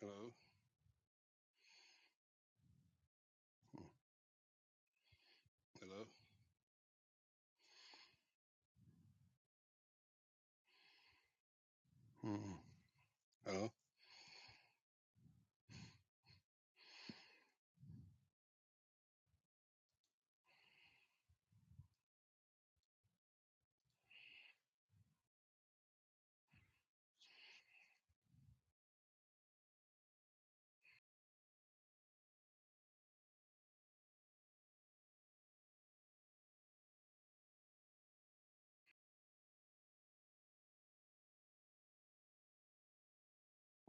Hello? Hello? Hmm. Hello?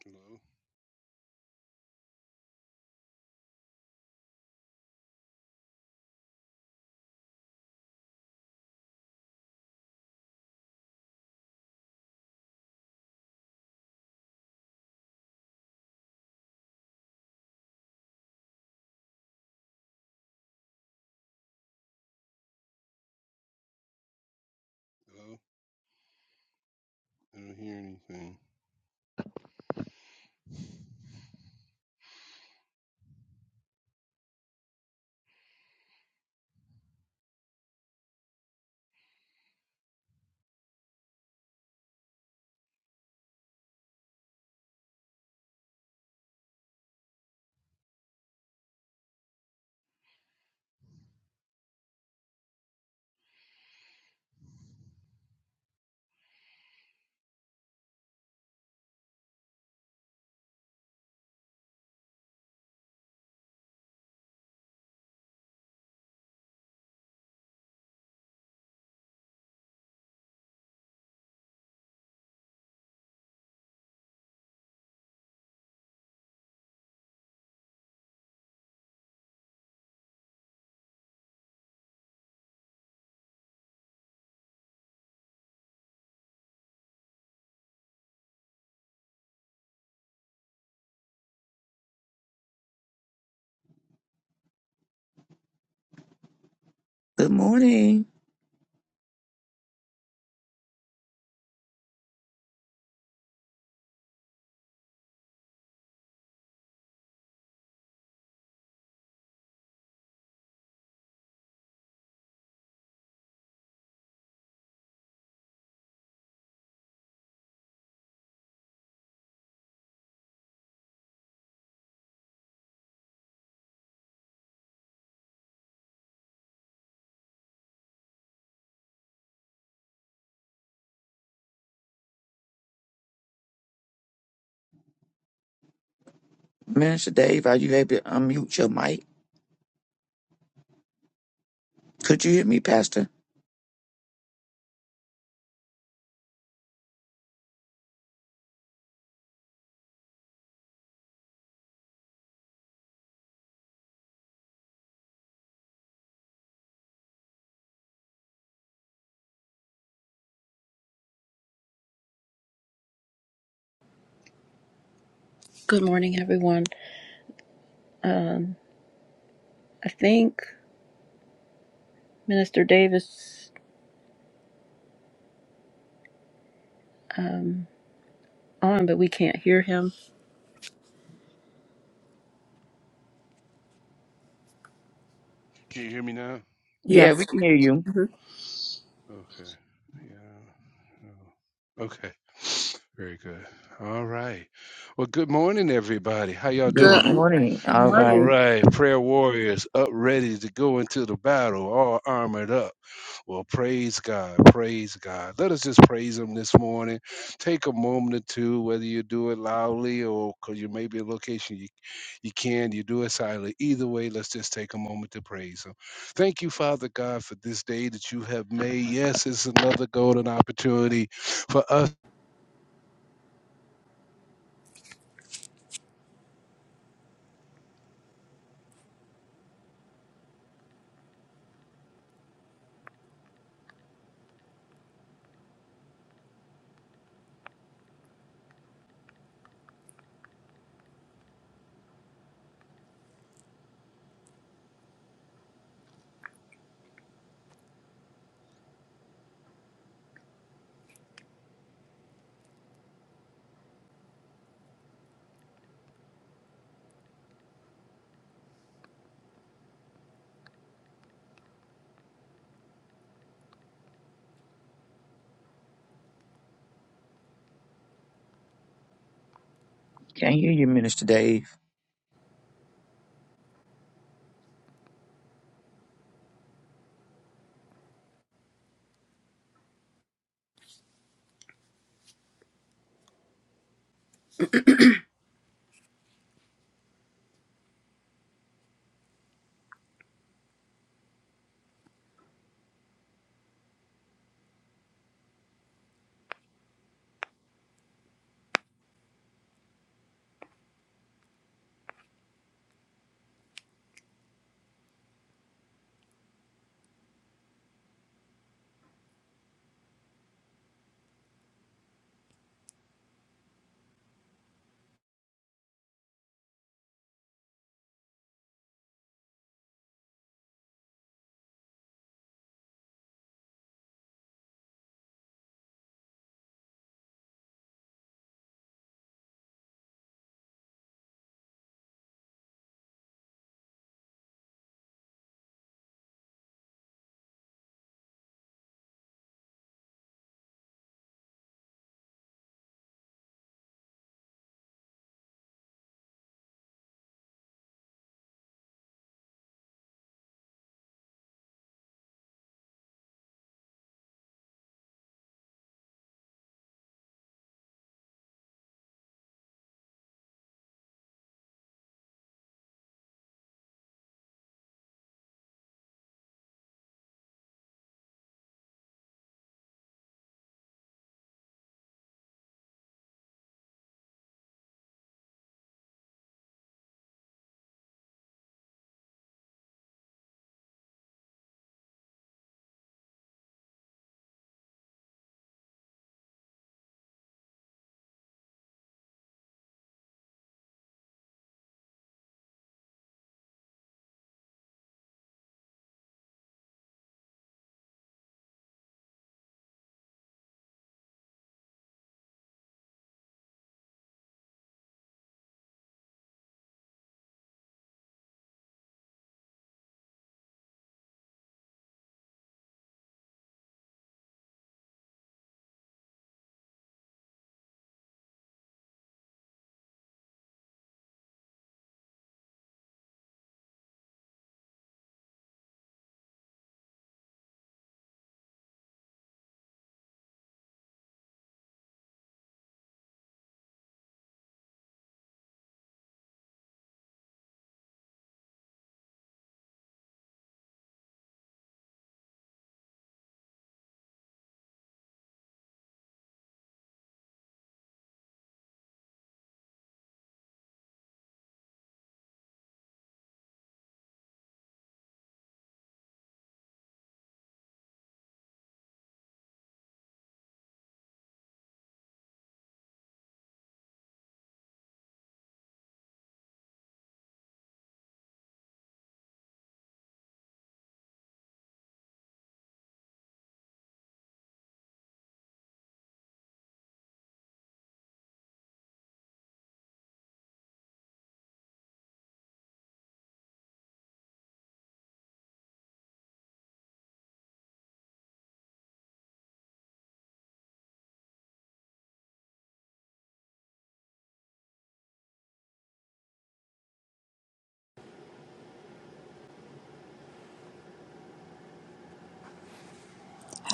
Hello? Hello? I don't hear anything. Good morning, Minister Dave. Are you able to unmute your mic? Could you hear me, Pastor? Good morning, everyone. I think Minister Davis on, but we can't hear him. Can you hear me now? Yeah, Yes. we can hear you. Mhm. Okay. Yeah. Oh. Okay. Very good. All right. Well, good morning, everybody. How y'all Good doing? Good, m- morning. good All All right. morning. right, prayer warriors up ready to go into the battle, all armored up. Well, praise God, praise God. Let us just praise Him this morning. Take a moment or two, whether you do it loudly or because you may be in a location you, you can, you do it silently. Either way, let's just take a moment to praise Him. Thank you, Father God, for this day that you have made. Yes, it's another golden opportunity for us. Can't hear you, Minister Dave.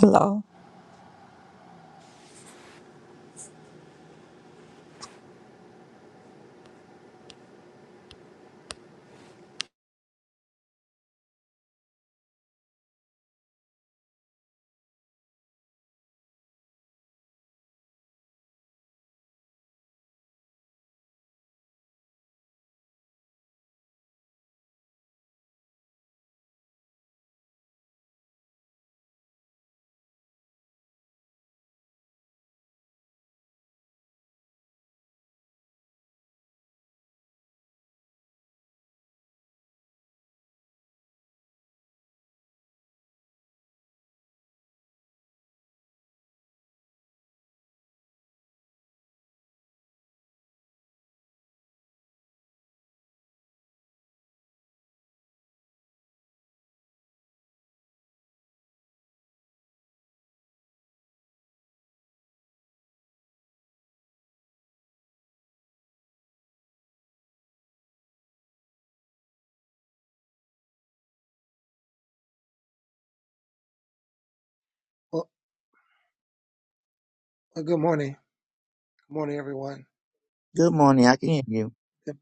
Hello. Well, well, good morning. Good morning, everyone. Good morning. I can hear you. Good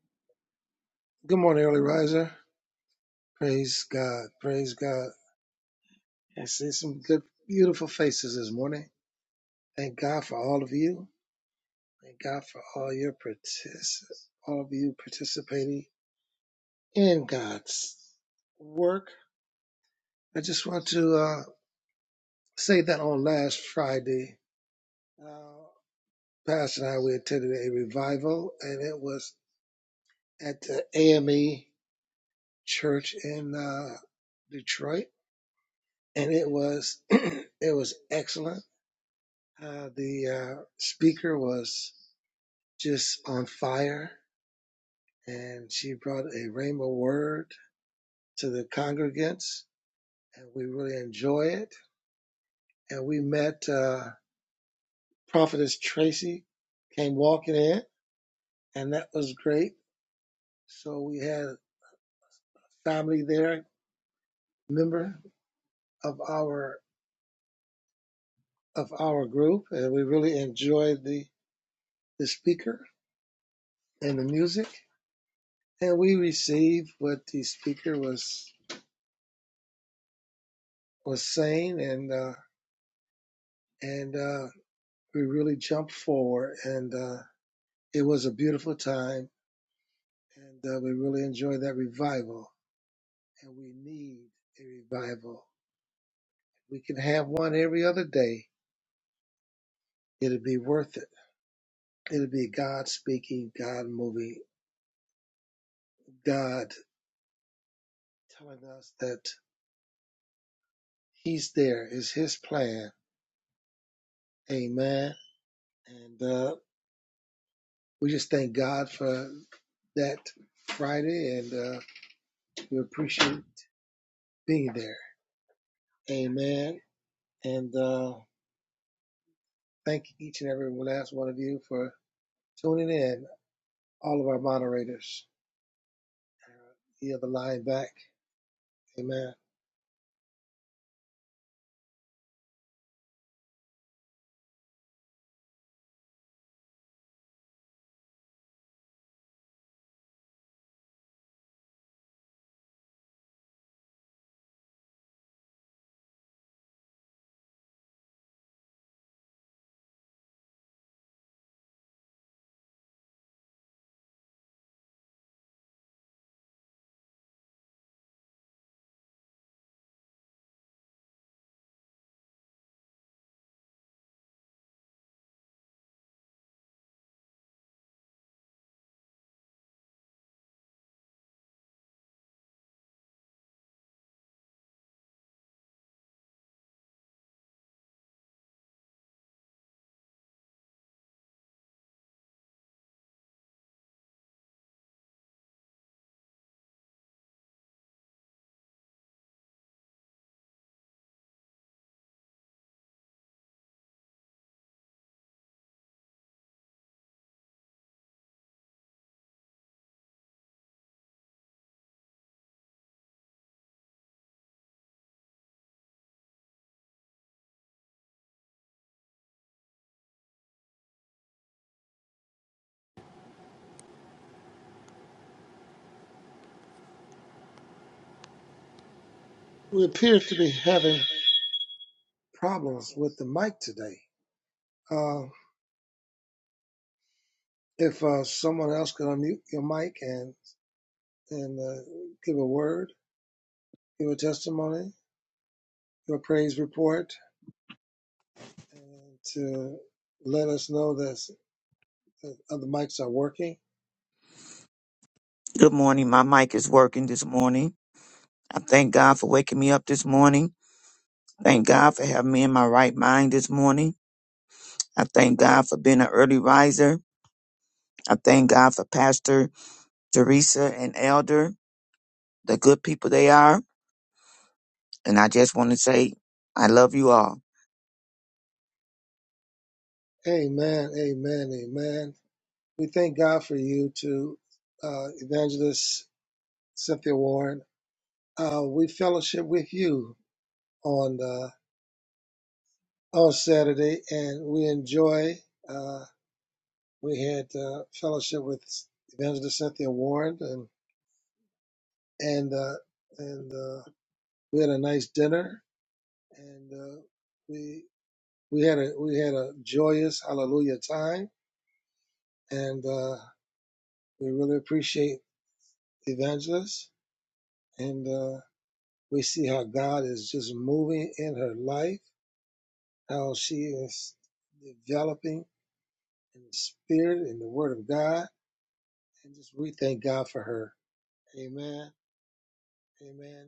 good morning, early riser. Praise God. Praise God. I see some good, beautiful faces this morning. Thank God for all of you. Thank God for all your partic- all of you participating in God's work. I just want to uh, say that on last Friday, uh, Pastor and I we attended a revival, and it was at the AME Church in uh, Detroit and it was it was excellent. Uh, the uh, speaker was just on fire, and she brought a rhema word to the congregants, and we really enjoy it. And we met uh, Prophetess Tracy, came walking in, and that was great. So we had a family there, member of our of our group, and we really enjoyed the the speaker and the music. and we received what the speaker was was saying and uh and uh we really jumped forward and uh it was a beautiful time and uh, we really enjoyed that revival and we need a revival If we can have one every other day it'll be worth it it'll be god speaking god moving god telling us that he's there is his plan amen and uh, We just thank God for that Friday and uh, we appreciate being there. Amen. And uh, thank each and every last one of you for tuning in, all of our moderators. You have a line back. Amen. We appear to be having problems with the mic today. Uh, if uh, someone else could unmute your mic and, and uh, give a word, give a testimony, give a praise report, and to let us know that Other mics are working. Good morning. My mic is working this morning. I thank God for waking me up this morning. Thank God for having me in my right mind this morning. I thank God for being an early riser. I thank God for Pastor Teresa and Elder, the good people they are. And I just want to say, I love you all. Amen. Amen. Amen. We thank God for you to uh, Evangelist Cynthia Warren. Uh, we fellowship with you on uh, on Saturday, and we enjoy. Uh, we had uh, fellowship with Evangelist Cynthia Warren, and and uh, and uh, we had a nice dinner, and uh, we we had a we had a joyous Hallelujah time, and uh, we really appreciate evangelist, and uh, we see how God is just moving in her life, how she is developing in the Spirit and the Word of God, and just we thank God for her. Amen. Amen.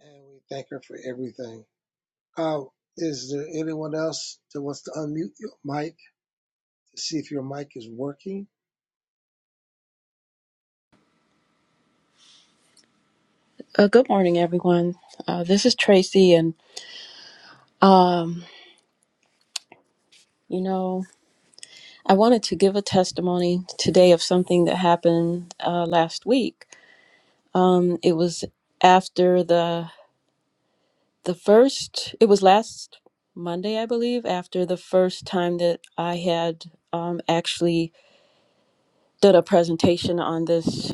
And we thank her for everything. Uh, is there anyone else that wants to unmute your mic? to see if your mic is working. Uh, good morning, everyone. Uh, this is Tracy, and um, you know, I wanted to give a testimony today of something that happened uh, last week. Um, it was after the the first. It was last Monday, I believe, after the first time that I had um, actually did a presentation on this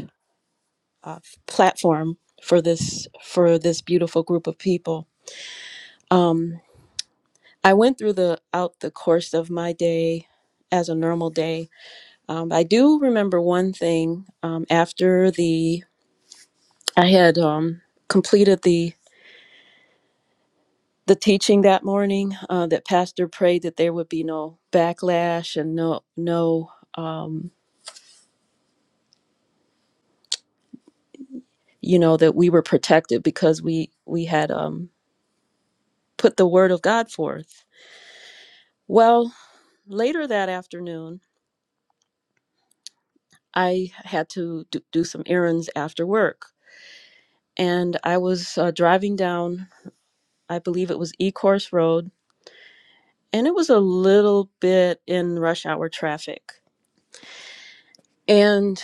uh, platform for this for this beautiful group of people. Um, I went through the out the course of my day as a normal day. Um, I do remember one thing um, after the I had um, completed the the teaching that morning uh, that pastor prayed that there would be no backlash and no no um, you know that we were protected because we we had um, put the word of God forth. Well, later that afternoon I had to do, do some errands after work. And I was uh, driving down, I believe it was Ecorse Road, and it was a little bit in rush hour traffic. And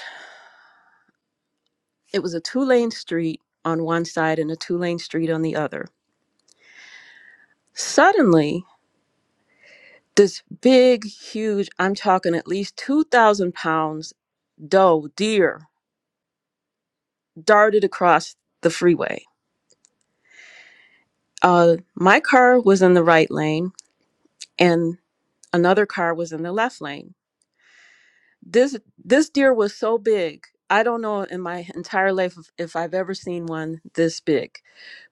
it was a two lane street on one side and a two lane street on the other. Suddenly, this big, huge, I'm talking at least 2,000 pounds doe, deer, darted across the freeway. Uh, my car was in the right lane, and another car was in the left lane this this deer was so big i don't know in my entire life if, if i've ever seen one this big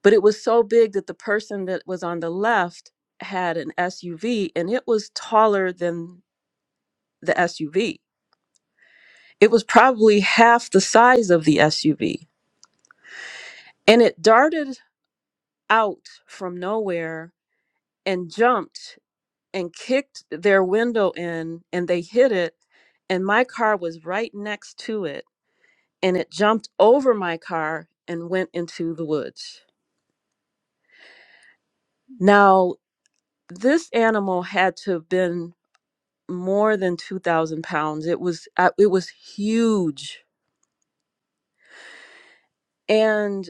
but it was so big that the person that was on the left had an suv and it was taller than the suv it was probably half the size of the suv and it darted out from nowhere and jumped and kicked their window in and they hit it and my car was right next to it and it jumped over my car and went into the woods. Now, this animal had to have been more than 2,000 pounds. It was, uh, it was huge. And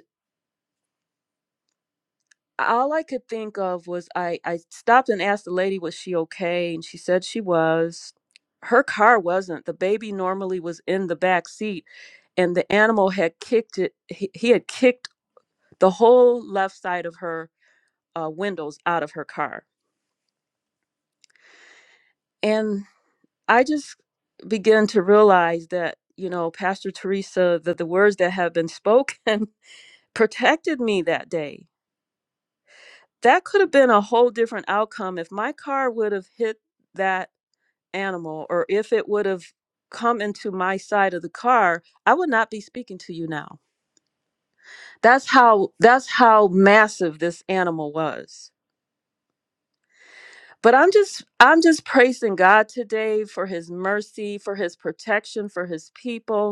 all I could think of was I, I stopped and asked the lady, was she okay? And she said she was. Her car wasn't. The baby normally was in the back seat, and the animal had kicked it. He, he had kicked the whole left side of her uh, windows out of her car. And I just began to realize that, you know, Pastor Teresa, that the words that have been spoken protected me that day. That could have been a whole different outcome if my car would have hit that animal or if it would have come into my side of the car, I would not be speaking to you now. That's how that's how massive this animal was. But I'm just I'm just praising God today for his mercy, for his protection, for his people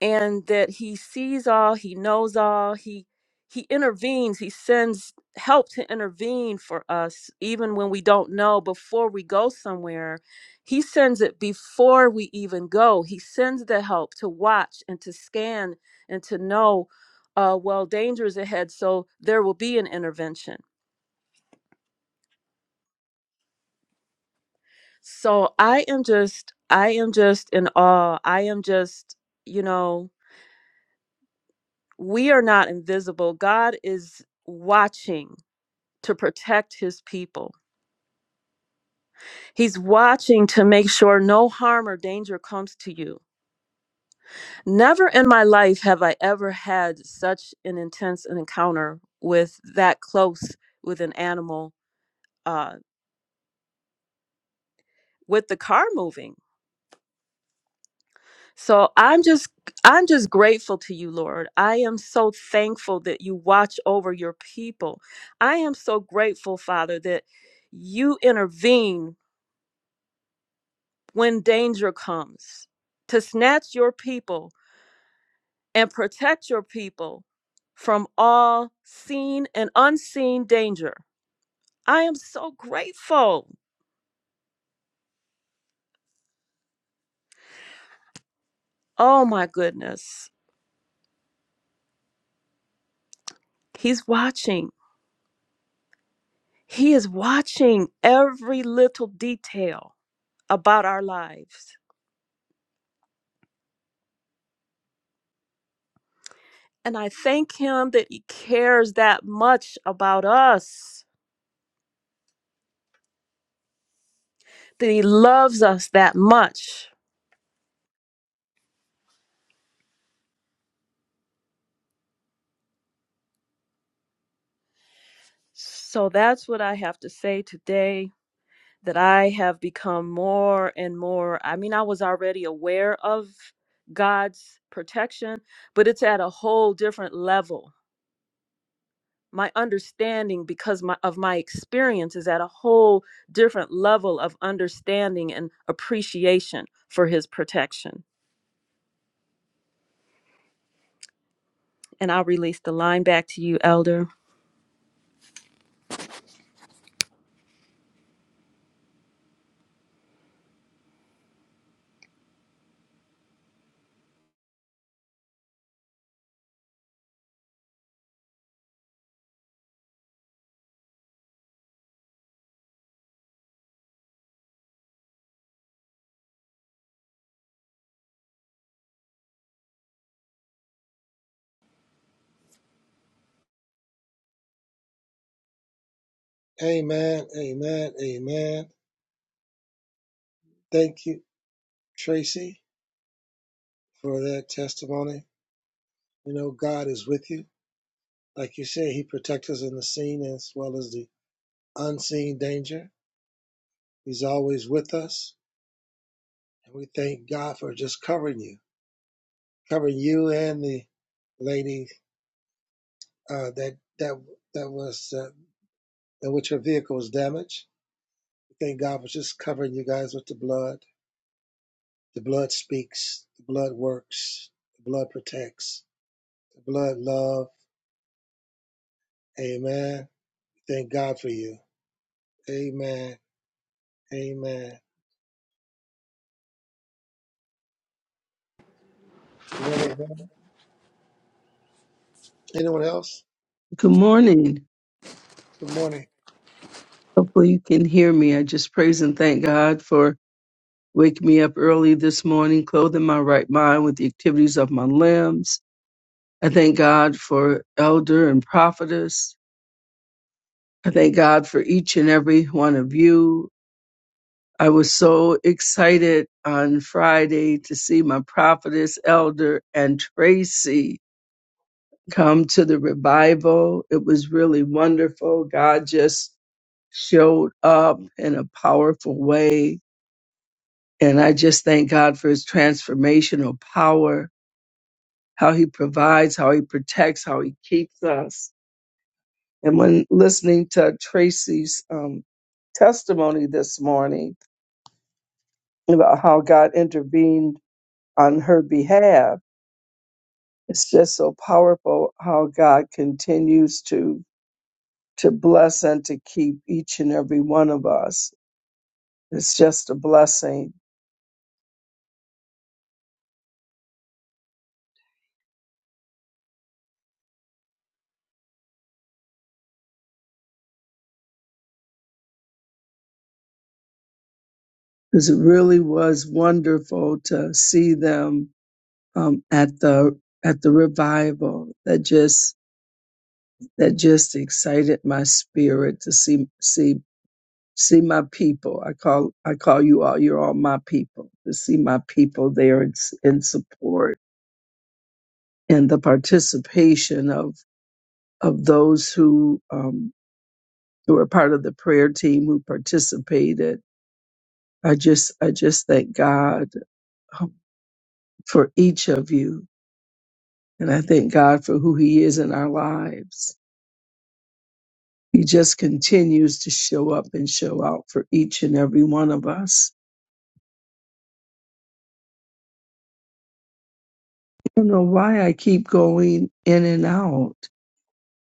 and that he sees all, he knows all, he he intervenes, he sends help to intervene for us even when we don't know before we go somewhere. He sends it before we even go. He sends the help to watch and to scan and to know uh well danger is ahead so there will be an intervention. So I am just I am just in awe. I am just, you know, we are not invisible. God is watching to protect his people. He's watching to make sure no harm or danger comes to you. Never in my life have I ever had such an intense encounter with that close with an animal uh with the car moving. So I'm just I'm just grateful to you, Lord. I am so thankful that you watch over your people. I am so grateful, Father, that you intervene when danger comes to snatch your people and protect your people from all seen and unseen danger. I am so grateful. Oh my goodness. He's watching. He is watching every little detail about our lives. And I thank him that he cares that much about us, that he loves us that much. So that's what I have to say today that I have become more and more. I mean, I was already aware of God's protection, but it's at a whole different level. My understanding, because my, of my experience, is at a whole different level of understanding and appreciation for His protection. And I'll release the line back to you, Elder. Amen, amen, amen. Thank you, Tracy, for that testimony. You know, God is with you. Like you said, He protects us in the seen as well as the unseen danger. He's always with us. And we thank God for just covering you, covering you and the lady uh, that that that was uh, in which her vehicle was damaged. Thank God for just covering you guys with the blood. The blood speaks. The blood works. The blood protects. The blood love. Amen. Thank God for you. Amen. Amen. Remember anyone else? Good morning. Good morning. Hopefully, you can hear me. I just praise and thank God for waking me up early this morning, clothing my right mind with the activities of my limbs. I thank God for elder and prophetess. I thank God for each and every one of you. I was so excited on Friday to see my prophetess, elder, and Tracy come to the revival. It was really wonderful. God just showed up in a powerful way And I just thank God for his transformational power, how he provides, how he protects, how he keeps us. And when listening to Tracy's um, testimony this morning about how God intervened on her behalf, it's just so powerful how God continues to to bless and to keep each and every one of us It's just a blessing. because it really was wonderful to see them um, at the at the revival that just that just excited my spirit to see see See my people. I call I call you all. You're all my people. To see my people there in, s- in support and the participation of of those who um, who are part of the prayer team who participated. I just I just thank God um, for each of you, and I thank God for who He is in our lives. He just continues to show up and show out for each and every one of us. I don't know why I keep going in and out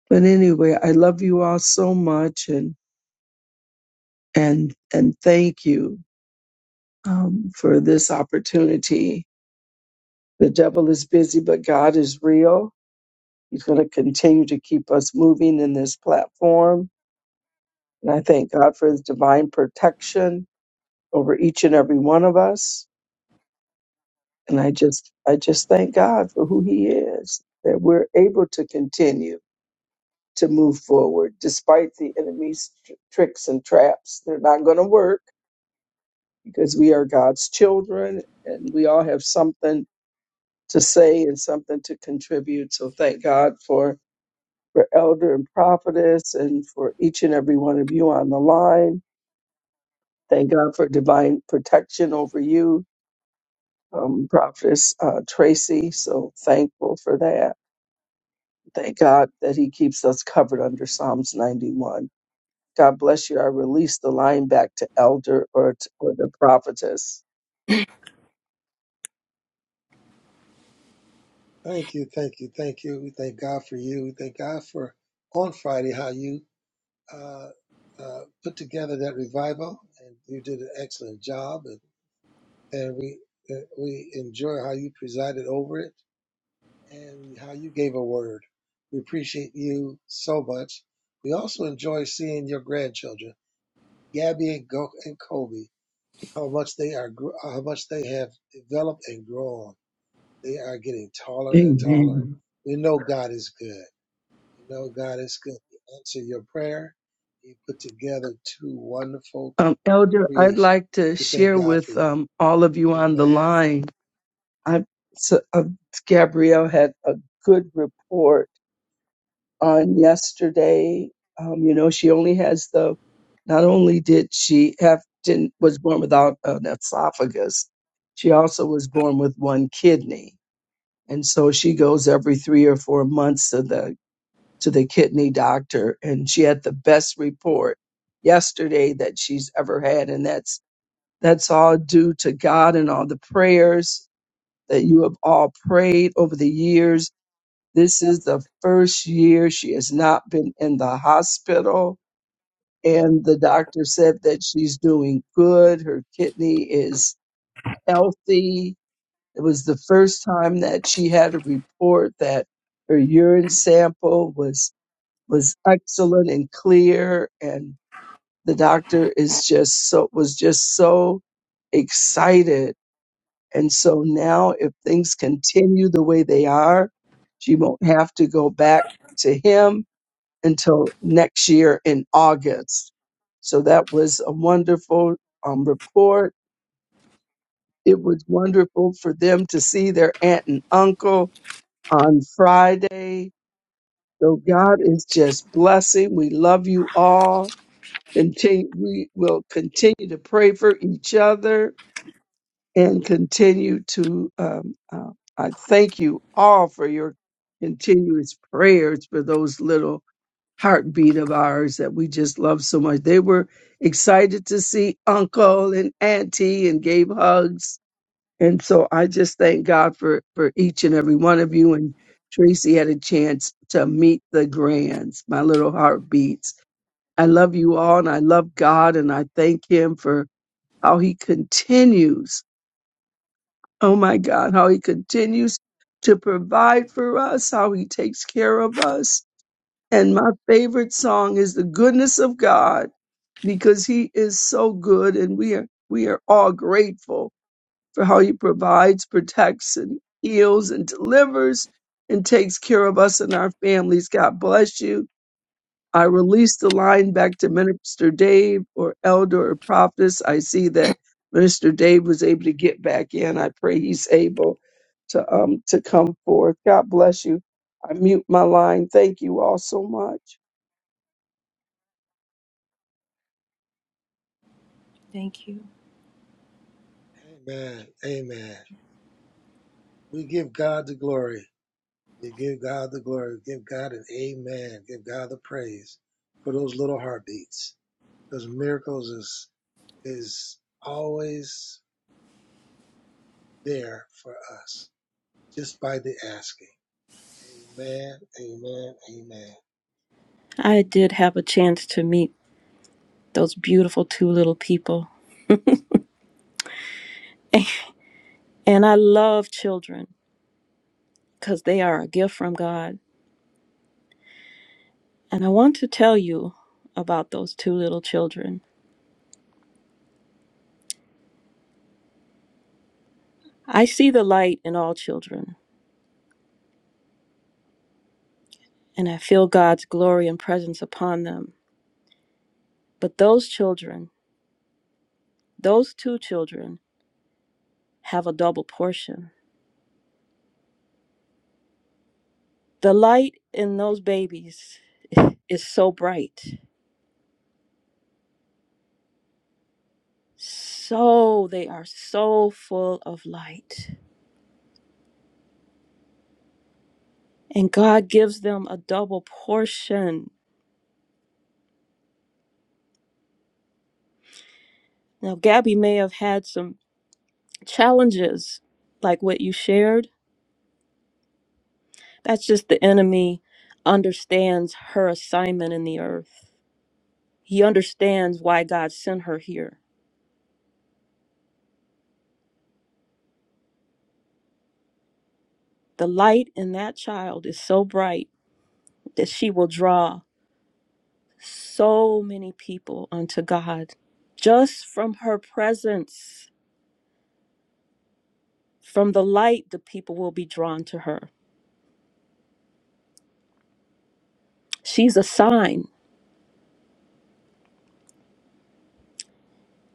But anyway, I love you all so much and and and thank you um, for this opportunity. The devil is busy, but God is real. He's going to continue to keep us moving in this platform. And I thank God for his divine protection over each and every one of us. And I just I just thank God for who he is, that we're able to continue to move forward despite the enemy's tr- tricks and traps. They're not going to work because we are God's children and we all have something to say and something to contribute. So thank God for, for Elder and Prophetess and for each and every one of you on the line. Thank God for divine protection over you, um, Prophetess uh, Tracy. So thankful for that. Thank God that He keeps us covered under Psalms 91. God bless you. I release the line back to Elder or, to, or the Prophetess. Thank you. Thank you. Thank you. We thank God for you. We thank God for on Friday how you uh, uh, put together that revival and you did an excellent job. and. and we uh, we enjoy how you presided over it and how you gave a word. We appreciate you so much. We also enjoy seeing your grandchildren, Gabby and, Go- and Kobe, how much they are gr- uh, how much they have developed and grown. They are getting taller and taller. Amen. We know God is good. We know God is good. He answered your prayer. He put together two wonderful Um, Elder, I'd creations. like to We thank share God for with you. um, all of you on the Amen. line. I, so, uh, Gabrielle had a good report on yesterday. Um, you know, she only has the. Not only did she have didn't was born without an esophagus, she also was born with one kidney, and so she goes every three or four months to the to the kidney doctor, and she had the best report yesterday that she's ever had, and that's that's all due to God and all the prayers that you have all prayed over the years. This is the first year she has not been in the hospital. And the doctor said that she's doing good. Her kidney is healthy. It was the first time that she had a report that her urine sample was was excellent and clear. And the doctor is just so was just so excited And so now, if things continue the way they are, she won't have to go back to him until next year in August. So that was a wonderful um, report. It was wonderful for them to see their aunt and uncle on Friday. So God is just blessing. We love you all. Continue, we will continue to pray for each other and continue to. Um, uh, I thank you all for your continuous prayers for those little heartbeat of ours that we just love so much. They were excited to see Uncle and Auntie and gave hugs, and so I just thank God for for each and every one of you. And Tracy had a chance to meet the grands, my little heartbeats. I love you all, and I love God, and I thank Him for how He continues Oh my God, how he continues to provide for us, how he takes care of us. And my favorite song is the goodness of God because he is so good and we are we are all grateful for how he provides, protects and heals and delivers and takes care of us and our families. God bless you. I release the line back to Minister Dave or Elder or Prophetess. I see that Minister Dave was able to get back in. I pray he's able to um to come forth. God bless you. I mute my line. Thank you all so much. Thank you. Amen. Amen. We give God the glory. We give God the glory. We give God an amen. Give God the praise for those little heartbeats. Because miracles is is always there for us just by the asking. Amen. Amen. Amen. I did have a chance to meet those beautiful two little people. And I love children because they are a gift from God And I want to tell you about those two little children. I see the light in all children, and I feel God's glory and presence upon them. But those children, those two children, have a double portion. The light in those babies is so bright. So they are so full of light. And God gives them a double portion. Now, Gabby may have had some challenges like what you shared That's just the enemy understands her assignment in the earth. He understands why God sent her here. The light in that child is so bright that she will draw so many people unto God. Just from her presence, from the light, the people will be drawn to her. She's a sign.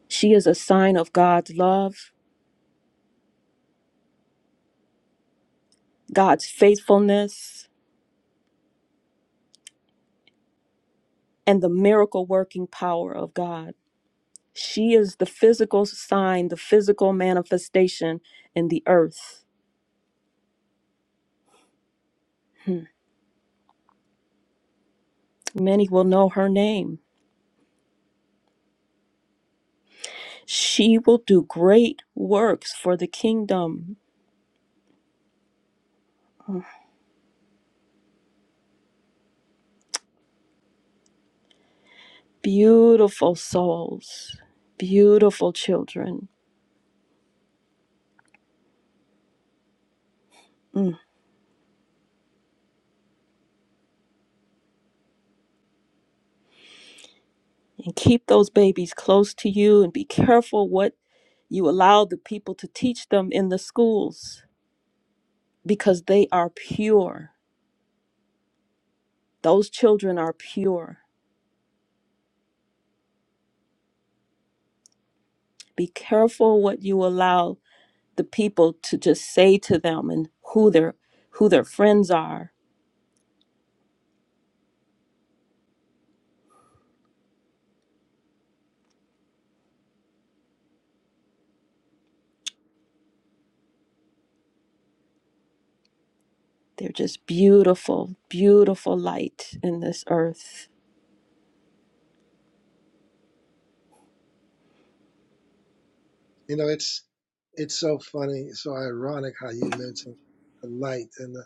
She is a sign of God's love, God's faithfulness, and the miracle working power of God. She is the physical sign, the physical manifestation in the earth. Hmm. Many will know her name. She will do great works for the kingdom. Mm. Beautiful souls, beautiful children. Mm. And keep those babies close to you and be careful what you allow the people to teach them in the schools because they are pure. Those children are pure. Be careful what you allow the people to just say to them and who their who their friends are. They're just beautiful, beautiful light in this earth. You know, it's it's so funny, it's so ironic how you mentioned the light and the,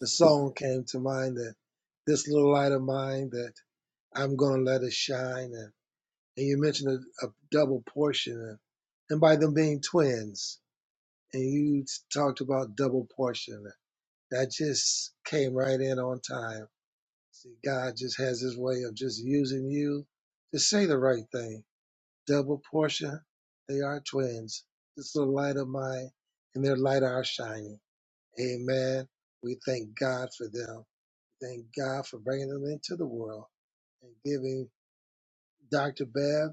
the song came to mind that this little light of mine that I'm gonna let it shine and. and you mentioned a, a double portion, and by them being twins, and you talked about double portion. That just came right in on time. See, God just has His way of just using you to say the right thing. Double portion, they are twins. This little light of mine, and their light are shining. Amen. We thank God for them. Thank God for bringing them into the world and giving Dr. Bev.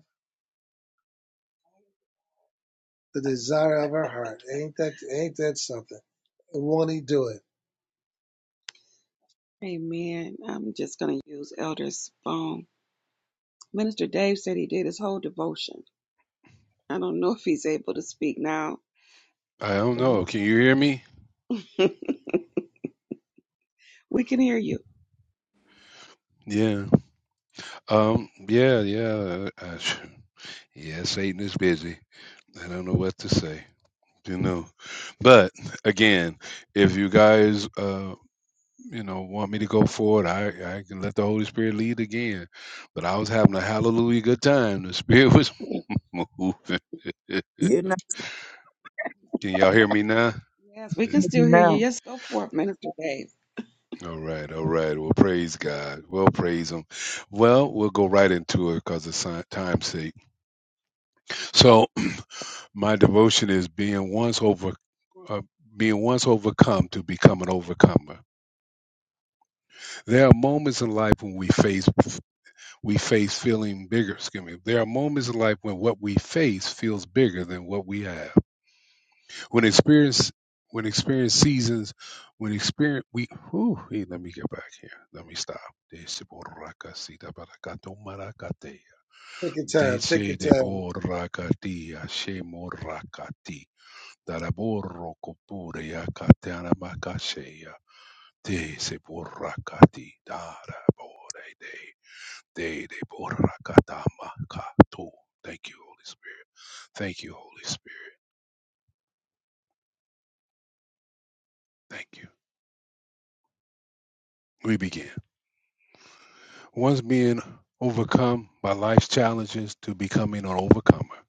the desire of her heart. Ain't that ain't that something? And won't he do it? I don't know. Can you hear me? Yeah. Um. Yeah. Yeah. uh, uh, Yeah, Satan is busy. I don't know what to say, you know. But again, if you guys, uh, you know, want me to go forward, I, I can let the Holy Spirit lead again. But I was having a hallelujah good time. The Spirit was moving. can You're y'all hear me now? not All right, all right. Well, praise God. Well, praise Him. Well, we'll go right into it because of si- time's sake. So, my devotion is being once overcome. uh, being once overcome to become an overcomer. There are moments in life when we face we face feeling bigger. Excuse me. There are moments in life when what we face feels bigger than what we have. When experience when experience seasons when experience we whew, hey, let me get back here. Let me stop. Desiborakasidabakatomarakate. Take your time. Take your time. Desedeborakati, ashemorakati. Daraborokopure, yakatanamakashe. Te se borrakati dara bore de de de borrakata makato. Thank you, Holy Spirit. Thank you, Holy Spirit. Thank you. We begin. Once being overcome by life's challenges to becoming an overcomer.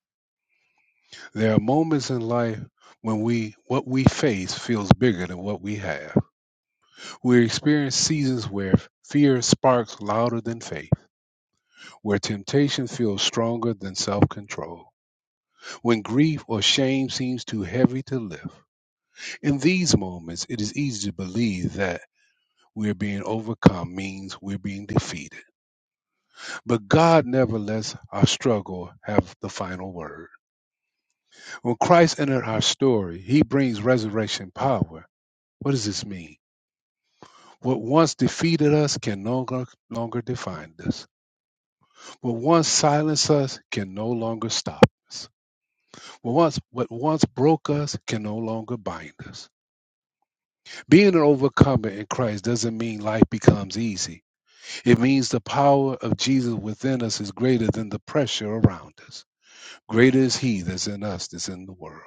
There are moments in life when we what we face feels bigger than what we have. We experience seasons where fear sparks louder than faith, where temptation feels stronger than self-control. when grief or shame seems too heavy to lift. In these moments, it is easy to believe that we're being overcome means we're being defeated. But God never lets our struggle have the final word. When Christ entered our story, he brings resurrection power. What does this mean? What once defeated us can no longer, longer define us. What once silenced us can no longer stop us. What once, what once broke us can no longer bind us. Being an overcomer in Christ doesn't mean life becomes easy. It means the power of Jesus within us is greater than the pressure around us. Greater is He that's in us that's in the world.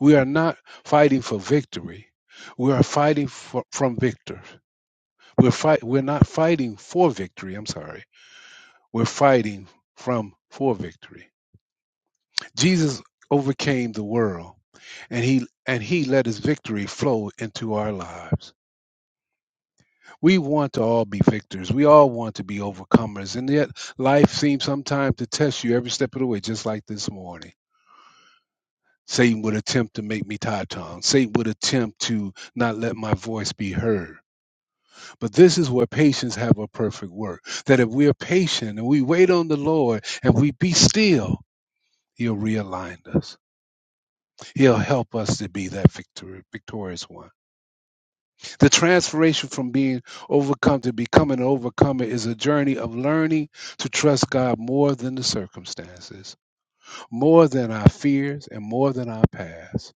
We are not fighting for victory. We are fighting for, from victors. We're fight. We're not fighting for victory. I'm sorry. We're fighting from for victory. Jesus overcame the world, and he and he let his victory flow into our lives. We want to all be victors. We all want to be overcomers. And yet, life seems sometimes to test you every step of the way, just like this morning. Satan would attempt to make me tie tongue. Satan would attempt to not let my voice be heard. But this is where patience have a perfect work. That if we're patient and we wait on the Lord and we be still, He'll realign us. He'll help us to be that victor- victorious one. The transformation from being overcome to becoming an overcomer is a journey of learning to trust God more than the circumstances, more than our fears, and more than our past.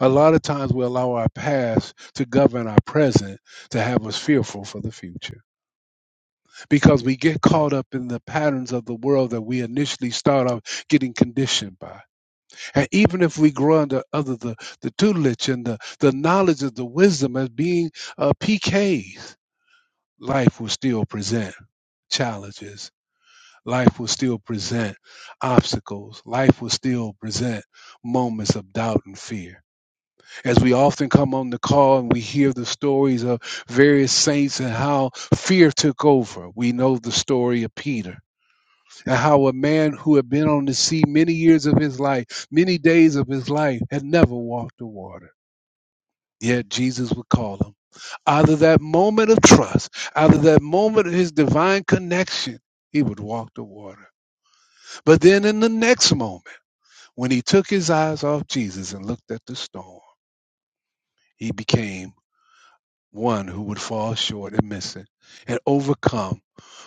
A lot of times we allow our past to govern our present to have us fearful for the future because we get caught up in the patterns of the world that we initially start off getting conditioned by. And even if we grow under other the, the tutelage and the, the knowledge of the wisdom as being uh, PKs, life will still present challenges. Life will still present obstacles. Life will still present moments of doubt and fear. As we often come on the call and we hear the stories of various saints and how fear took over, we know the story of Peter and how a man who had been on the sea many years of his life, many days of his life, had never walked the water. Yet Jesus would call him. Out of that moment of trust, out of that moment of his divine connection, he would walk the water. But then in the next moment, when he took his eyes off Jesus and looked at the storm, he became one who would fall short and miss it and overcome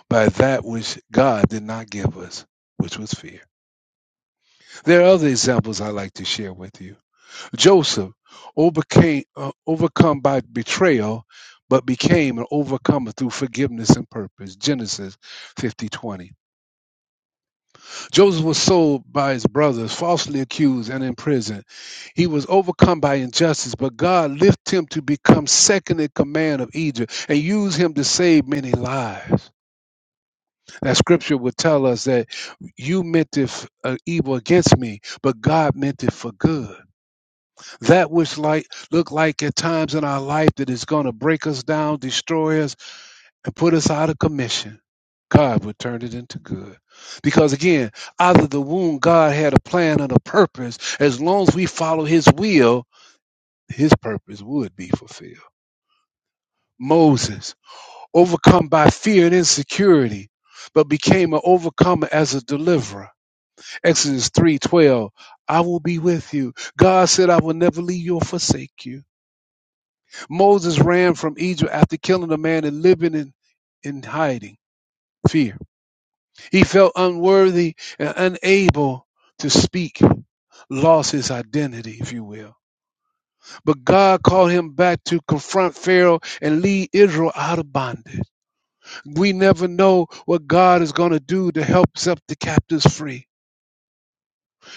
by that which God did not give us, which was fear. There are other examples I like to share with you Joseph, overcame, uh, overcome by betrayal, but became an overcomer through forgiveness and purpose. Genesis 50:20. Joseph was sold by his brothers, falsely accused and imprisoned. He was overcome by injustice, but God lifted him to become second in command of Egypt and used him to save many lives. That scripture would tell us that you meant it f- uh, evil against me, but God meant it for good. That which like look like at times in our life that is going to break us down, destroy us, and put us out of commission. God would turn it into good. Because again, out of the womb, God had a plan and a purpose. As long as we follow his will, his purpose would be fulfilled. Moses, overcome by fear and insecurity, but became an overcomer as a deliverer. Exodus 3:12, I will be with you. God said, I will never leave you or forsake you. Moses ran from Egypt after killing a man and living in, in hiding, fear. He felt unworthy and unable to speak, lost his identity, if you will. But God called him back to confront Pharaoh and lead Israel out of bondage. We never know what God is going to do to help set the captives free.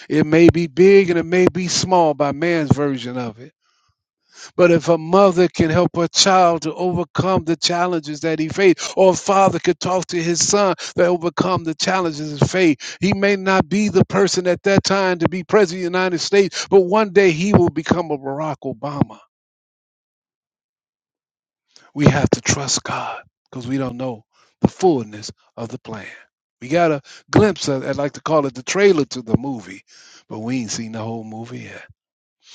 It may be big and it may be small by man's version of it But if a mother can help her child to overcome the challenges that he faced, or a father could talk to his son to overcome the challenges of faith, he may not be the person at that time to be president of the United States, but one day he will become a Barack Obama. We have to trust God because we don't know the fullness of the plan. We got a glimpse of, I'd like to call it the trailer to the movie, but we ain't seen the whole movie yet.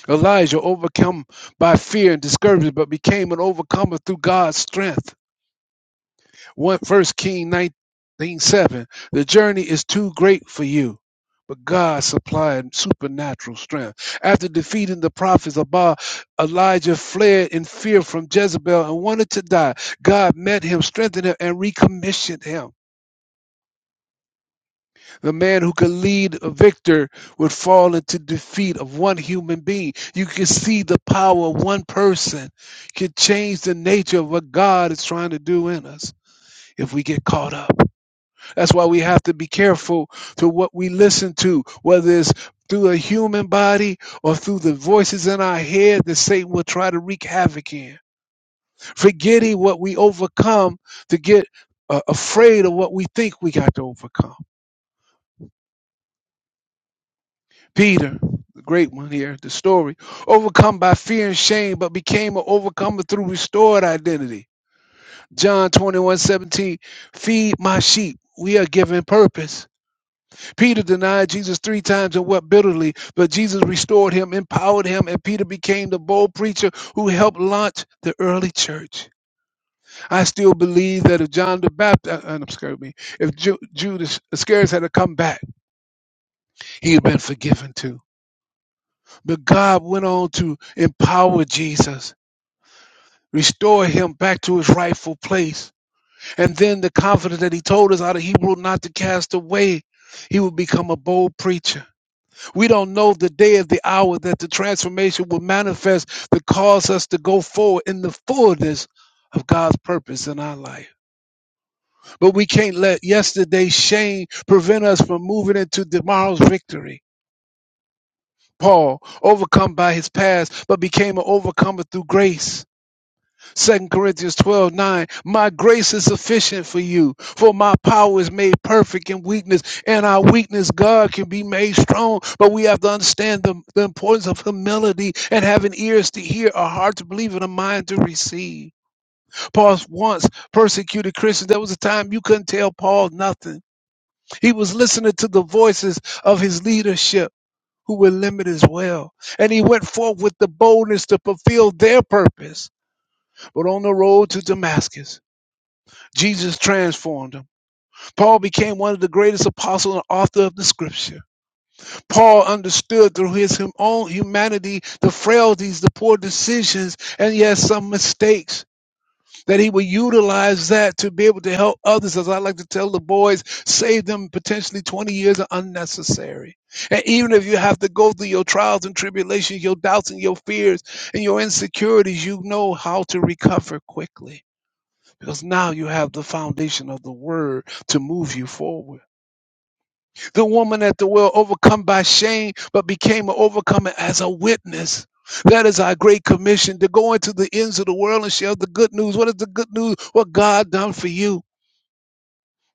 Elijah overcome by fear and discouragement, but became an overcomer through God's strength. One First Kings nineteen seven. The journey is too great for you, but God supplied supernatural strength. After defeating the prophets of Baal, Elijah fled in fear from Jezebel and wanted to die. God met him, strengthened him, and recommissioned him. The man who could lead a victor would fall into defeat of one human being. You can see the power of one person can change the nature of what God is trying to do in us if we get caught up. That's why we have to be careful to what we listen to, whether it's through a human body or through the voices in our head that Satan will try to wreak havoc in. Forgetting what we overcome to get uh, afraid of what we think we got to overcome. Peter, the great one here, the story, overcome by fear and shame, but became an overcomer through restored identity. John 21:17. feed my sheep. We are given purpose. Peter denied Jesus three times and wept bitterly, but Jesus restored him, empowered him, and Peter became the bold preacher who helped launch the early church. I still believe that if John the Baptist, uh, uh, excuse me, if Ju- Judas Iscariot had come back, he'd been forgiven too. But God went on to empower Jesus, restore him back to his rightful place. And then the confidence that he told us out of Hebrew not to cast away, he would become a bold preacher. We don't know the day of the hour that the transformation will manifest that cause us to go forward in the fullness of God's purpose in our life. But we can't let yesterday's shame prevent us from moving into tomorrow's victory. Paul, overcome by his past, but became an overcomer through grace. Second Corinthians 12 9. My grace is sufficient for you, for my power is made perfect in weakness, and our weakness, God, can be made strong. But we have to understand the, the importance of humility and having ears to hear, a heart to believe, and a mind to receive. Paul once persecuted Christians. There was a time you couldn't tell Paul nothing. He was listening to the voices of his leadership who were limited as well. And he went forth with the boldness to fulfill their purpose. But on the road to Damascus, Jesus transformed him. Paul became one of the greatest apostles and author of the scripture. Paul understood through his own humanity the frailties, the poor decisions, and yes, some mistakes. That he would utilize that to be able to help others, as I like to tell the boys, save them potentially 20 years of unnecessary. And even if you have to go through your trials and tribulations, your doubts and your fears and your insecurities, you know how to recover quickly because now you have the foundation of the word to move you forward. The woman at the well, overcome by shame, but became an overcomer as a witness. That is our great commission to go into the ends of the world and share the good news. What is the good news? What God done for you.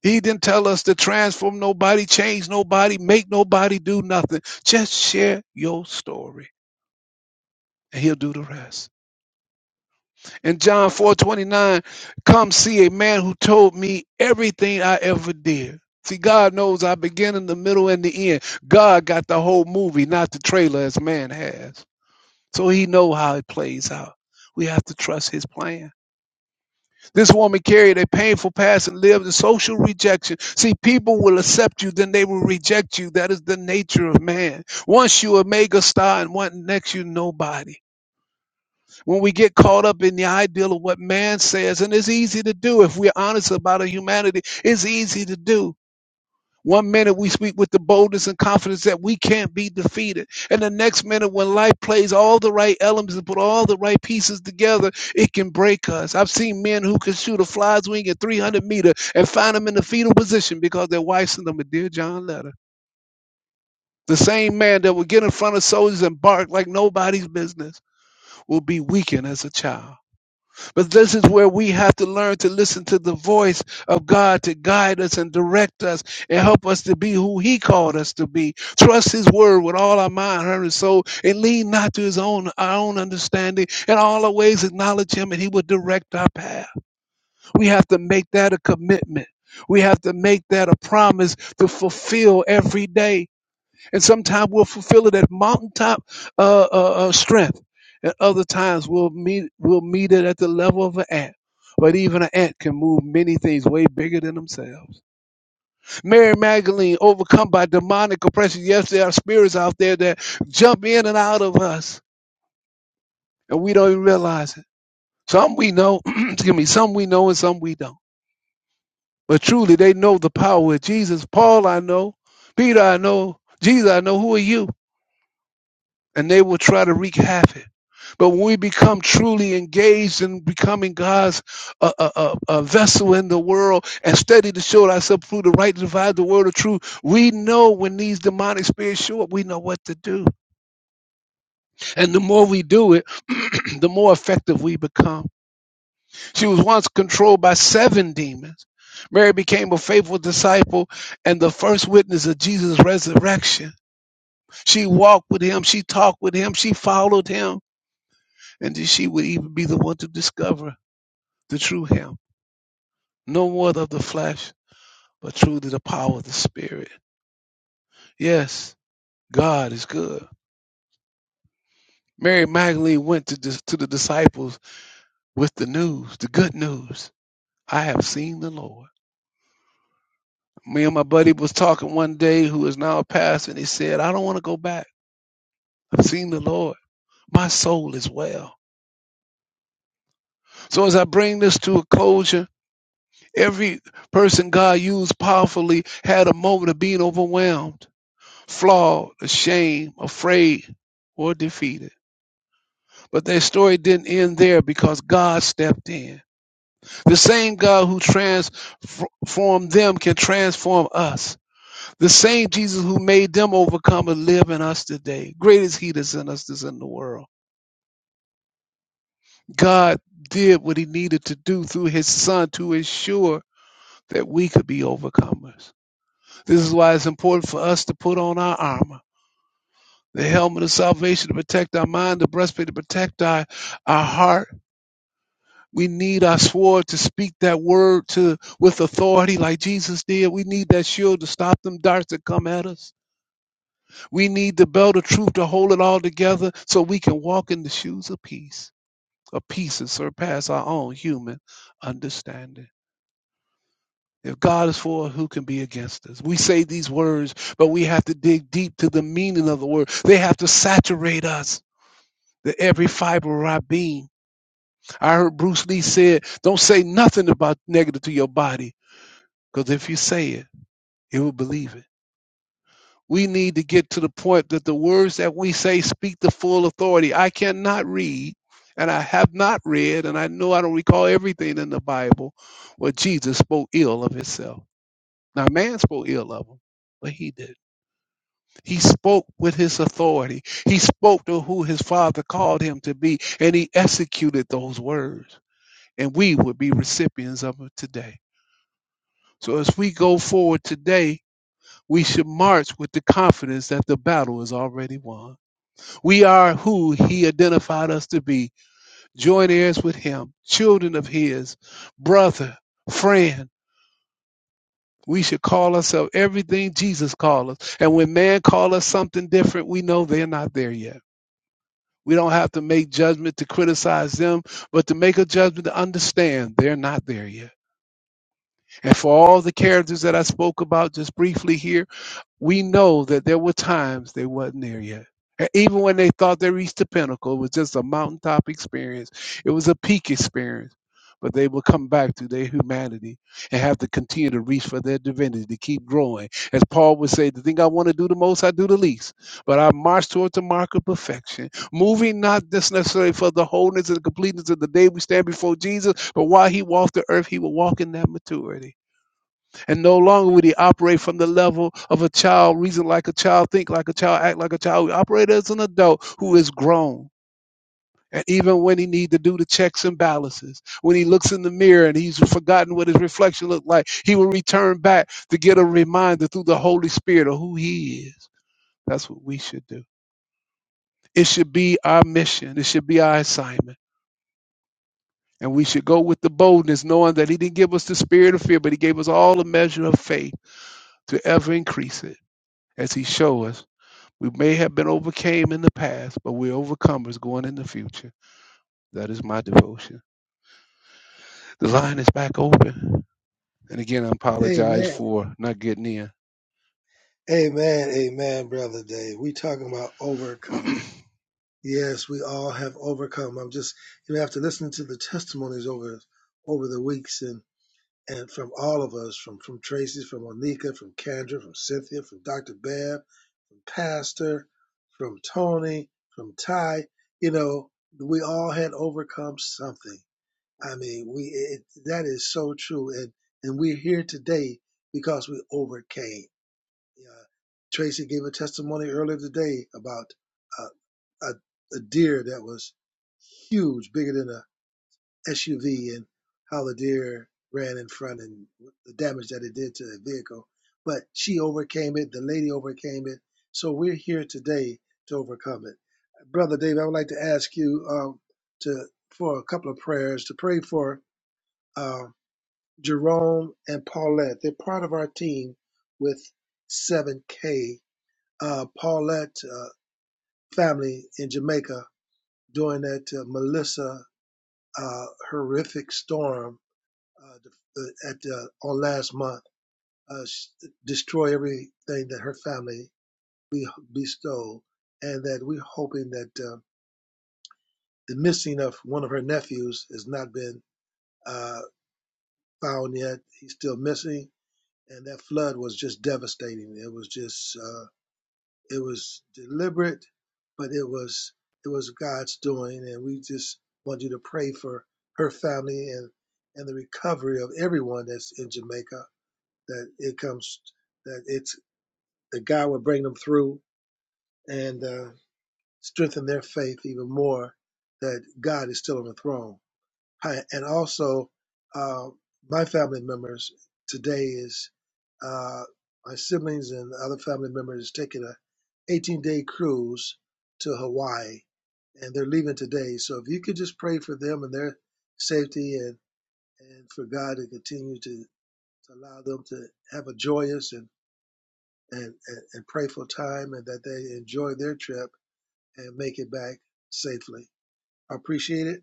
He didn't tell us to transform nobody, change nobody, make nobody do nothing. Just share your story and he'll do the rest. In John 4 29, come see a man who told me everything I ever did. See, God knows I begin in the middle and the end. God got the whole movie, not the trailer as man has. So he know how it plays out. We have to trust his plan. This woman carried a painful past and lived in social rejection. See, people will accept you, then they will reject you. That is the nature of man. Once you a mega star and one next you nobody when we get caught up in the ideal of what man says, and it's easy to do if we're honest about our humanity, it's easy to do. One minute we speak with the boldness and confidence that we can't be defeated. And the next minute, when life plays all the right elements and put all the right pieces together, it can break us. I've seen men who can shoot a fly's wing at 300 meter and find them in the fetal position because their wife sent them a Dear John letter. The same man that would get in front of soldiers and bark like nobody's business will be weakened as a child. But this is where we have to learn to listen to the voice of God to guide us and direct us and help us to be who He called us to be. Trust His word with all our mind, heart, and soul, and lean not to His own our own understanding. And all our ways acknowledge Him, and He will direct our path. We have to make that a commitment. We have to make that a promise to fulfill every day and sometimes we'll fulfill it at mountaintop uh, uh, uh, strength, and other times we'll meet we'll meet it at the level of an ant. But even an ant can move many things way bigger than themselves. Mary Magdalene, overcome by demonic oppression. Yes, there are spirits out there that jump in and out of us, and we don't even realize it. Some we know, excuse me, some we know and some we don't. But truly, they know the power of Jesus. Paul, I know. Peter, I know. Jesus, I know. Who are you? and they will try to wreak havoc. But when we become truly engaged in becoming God's uh, uh, uh, uh, vessel in the world and steady to show ourselves through the right to divide the word of truth, we know when these demonic spirits show up, we know what to do. And the more we do it, the more effective we become. She was once controlled by seven demons. Mary became a faithful disciple and the first witness of Jesus' resurrection. She walked with him, she talked with him, she followed him. and that she would even be the one to discover the true him. No more of the flesh, but truly the power of the Spirit. Yes, God is good. Mary Magdalene went to, dis- to the disciples with the news, the good news. I have seen the Lord. Me and my buddy was talking one day, who is now a pastor, and he said, I don't want to go back. I've seen the Lord. My soul is well. So as I bring this to a closure, every person God used powerfully had a moment of being overwhelmed flawed, ashamed, afraid, or defeated. But their story didn't end there because God stepped in. The same God who transformed them can transform us. The same Jesus who made them overcome and live in us today. Great is He that's in us that's in the world. God did what He needed to do through His Son to ensure that we could be overcomers. This is why it's important for us to put on our armor the helmet of salvation to protect our mind, the breastplate to protect our, our heart. We need our sword to speak that word to with authority like Jesus did. We need that shield to stop them darts that come at us. We need the belt of truth to hold it all together so we can walk in the shoes of peace, a peace that surpass our own human understanding. If God is for us, who can be against us? We say these words, but we have to dig deep to the meaning of the word. They have to saturate us, the every fiber of our being I heard Bruce Lee said, don't say nothing about negative to your body, because if you say it, it will believe it. We need to get to the point that the words that we say speak the full authority. I cannot read, and I have not read, and I know I don't recall everything in the Bible where Jesus spoke ill of himself. Now, man spoke ill of him, but he did. He spoke with his authority. He spoke to who his father called him to be, and he executed those words. And we would be recipients of it today. So as we go forward today, we should march with the confidence that the battle is already won. We are who he identified us to be, joint heirs with him, children of his, brother, friend. We should call ourselves everything Jesus called us. And when man call us something different, we know they're not there yet. We don't have to make judgment to criticize them, but to make a judgment to understand they're not there yet. And for all the characters that I spoke about just briefly here, we know that there were times they wasn't there yet. And even when they thought they reached the pinnacle, it was just a mountaintop experience. It was a peak experience. But they will come back to their humanity and have to continue to reach for their divinity to keep growing. As Paul would say, the thing I want to do the most, I do the least. But I march towards the mark of perfection, moving not just necessarily for the wholeness and the completeness of the day we stand before Jesus, but while he walked the earth, he will walk in that maturity and no longer would he operate from the level of a child, reason like a child, think like a child, act like a child. He operate as an adult who is grown. And even when he needs to do the checks and balances, when he looks in the mirror and he's forgotten what his reflection looked like, he will return back to get a reminder through the Holy Spirit of who he is. That's what we should do. It should be our mission. It should be our assignment. And we should go with the boldness, knowing that he didn't give us the spirit of fear, but he gave us all a measure of faith to ever increase it as he showed us We may have been overcame in the past, but we're overcomers going in the future. That is my devotion. The line is back open. And again, I apologize Amen. for not getting in. Amen. Amen, brother Dave. We talking about overcoming. Yes, we all have overcome. I'm just you know after listening to the testimonies over over the weeks and and from all of us, from from Tracy, from Onika, from Kendra, from Cynthia, from Dr. Bev, from Pastor, from Tony, from Ty, you know, we all had overcome something I mean, we it, that is so true, and and we're here today because we overcame. Uh, Tracy gave a testimony earlier today about uh, a, a deer that was huge, bigger than a SUV, and how the deer ran in front and the damage that it did to the vehicle. But she overcame it. The lady overcame it. So we're here today to overcome it, brother Dave. I would like to ask you um, to for a couple of prayers to pray for uh, Jerome and Paulette. They're part of our team with 7K. Uh, Paulette uh, family in Jamaica during that uh, Melissa uh, horrific storm uh, the- uh, at uh, on last month uh, sh- destroy everything that her family be- bestowed, and that we're hoping that uh, the missing of one of her nephews has not been uh, found yet. He's still missing and that flood was just devastating. It was just uh, it was deliberate, but it was it was God's doing, and we just want you to pray for her family and and the recovery of everyone that's in Jamaica. That it comes that it's that God will bring them through and uh, strengthen their faith even more. That God is still on the throne Hi, and also uh, my family members today is uh, my siblings and other family members taking a 18 day cruise to Hawaii, and they're leaving today. So if you could just pray for them and their safety, and and for God to continue to, to allow them to have a joyous and and, and and prayerful time, and that they enjoy their trip and make it back safely. I appreciate it,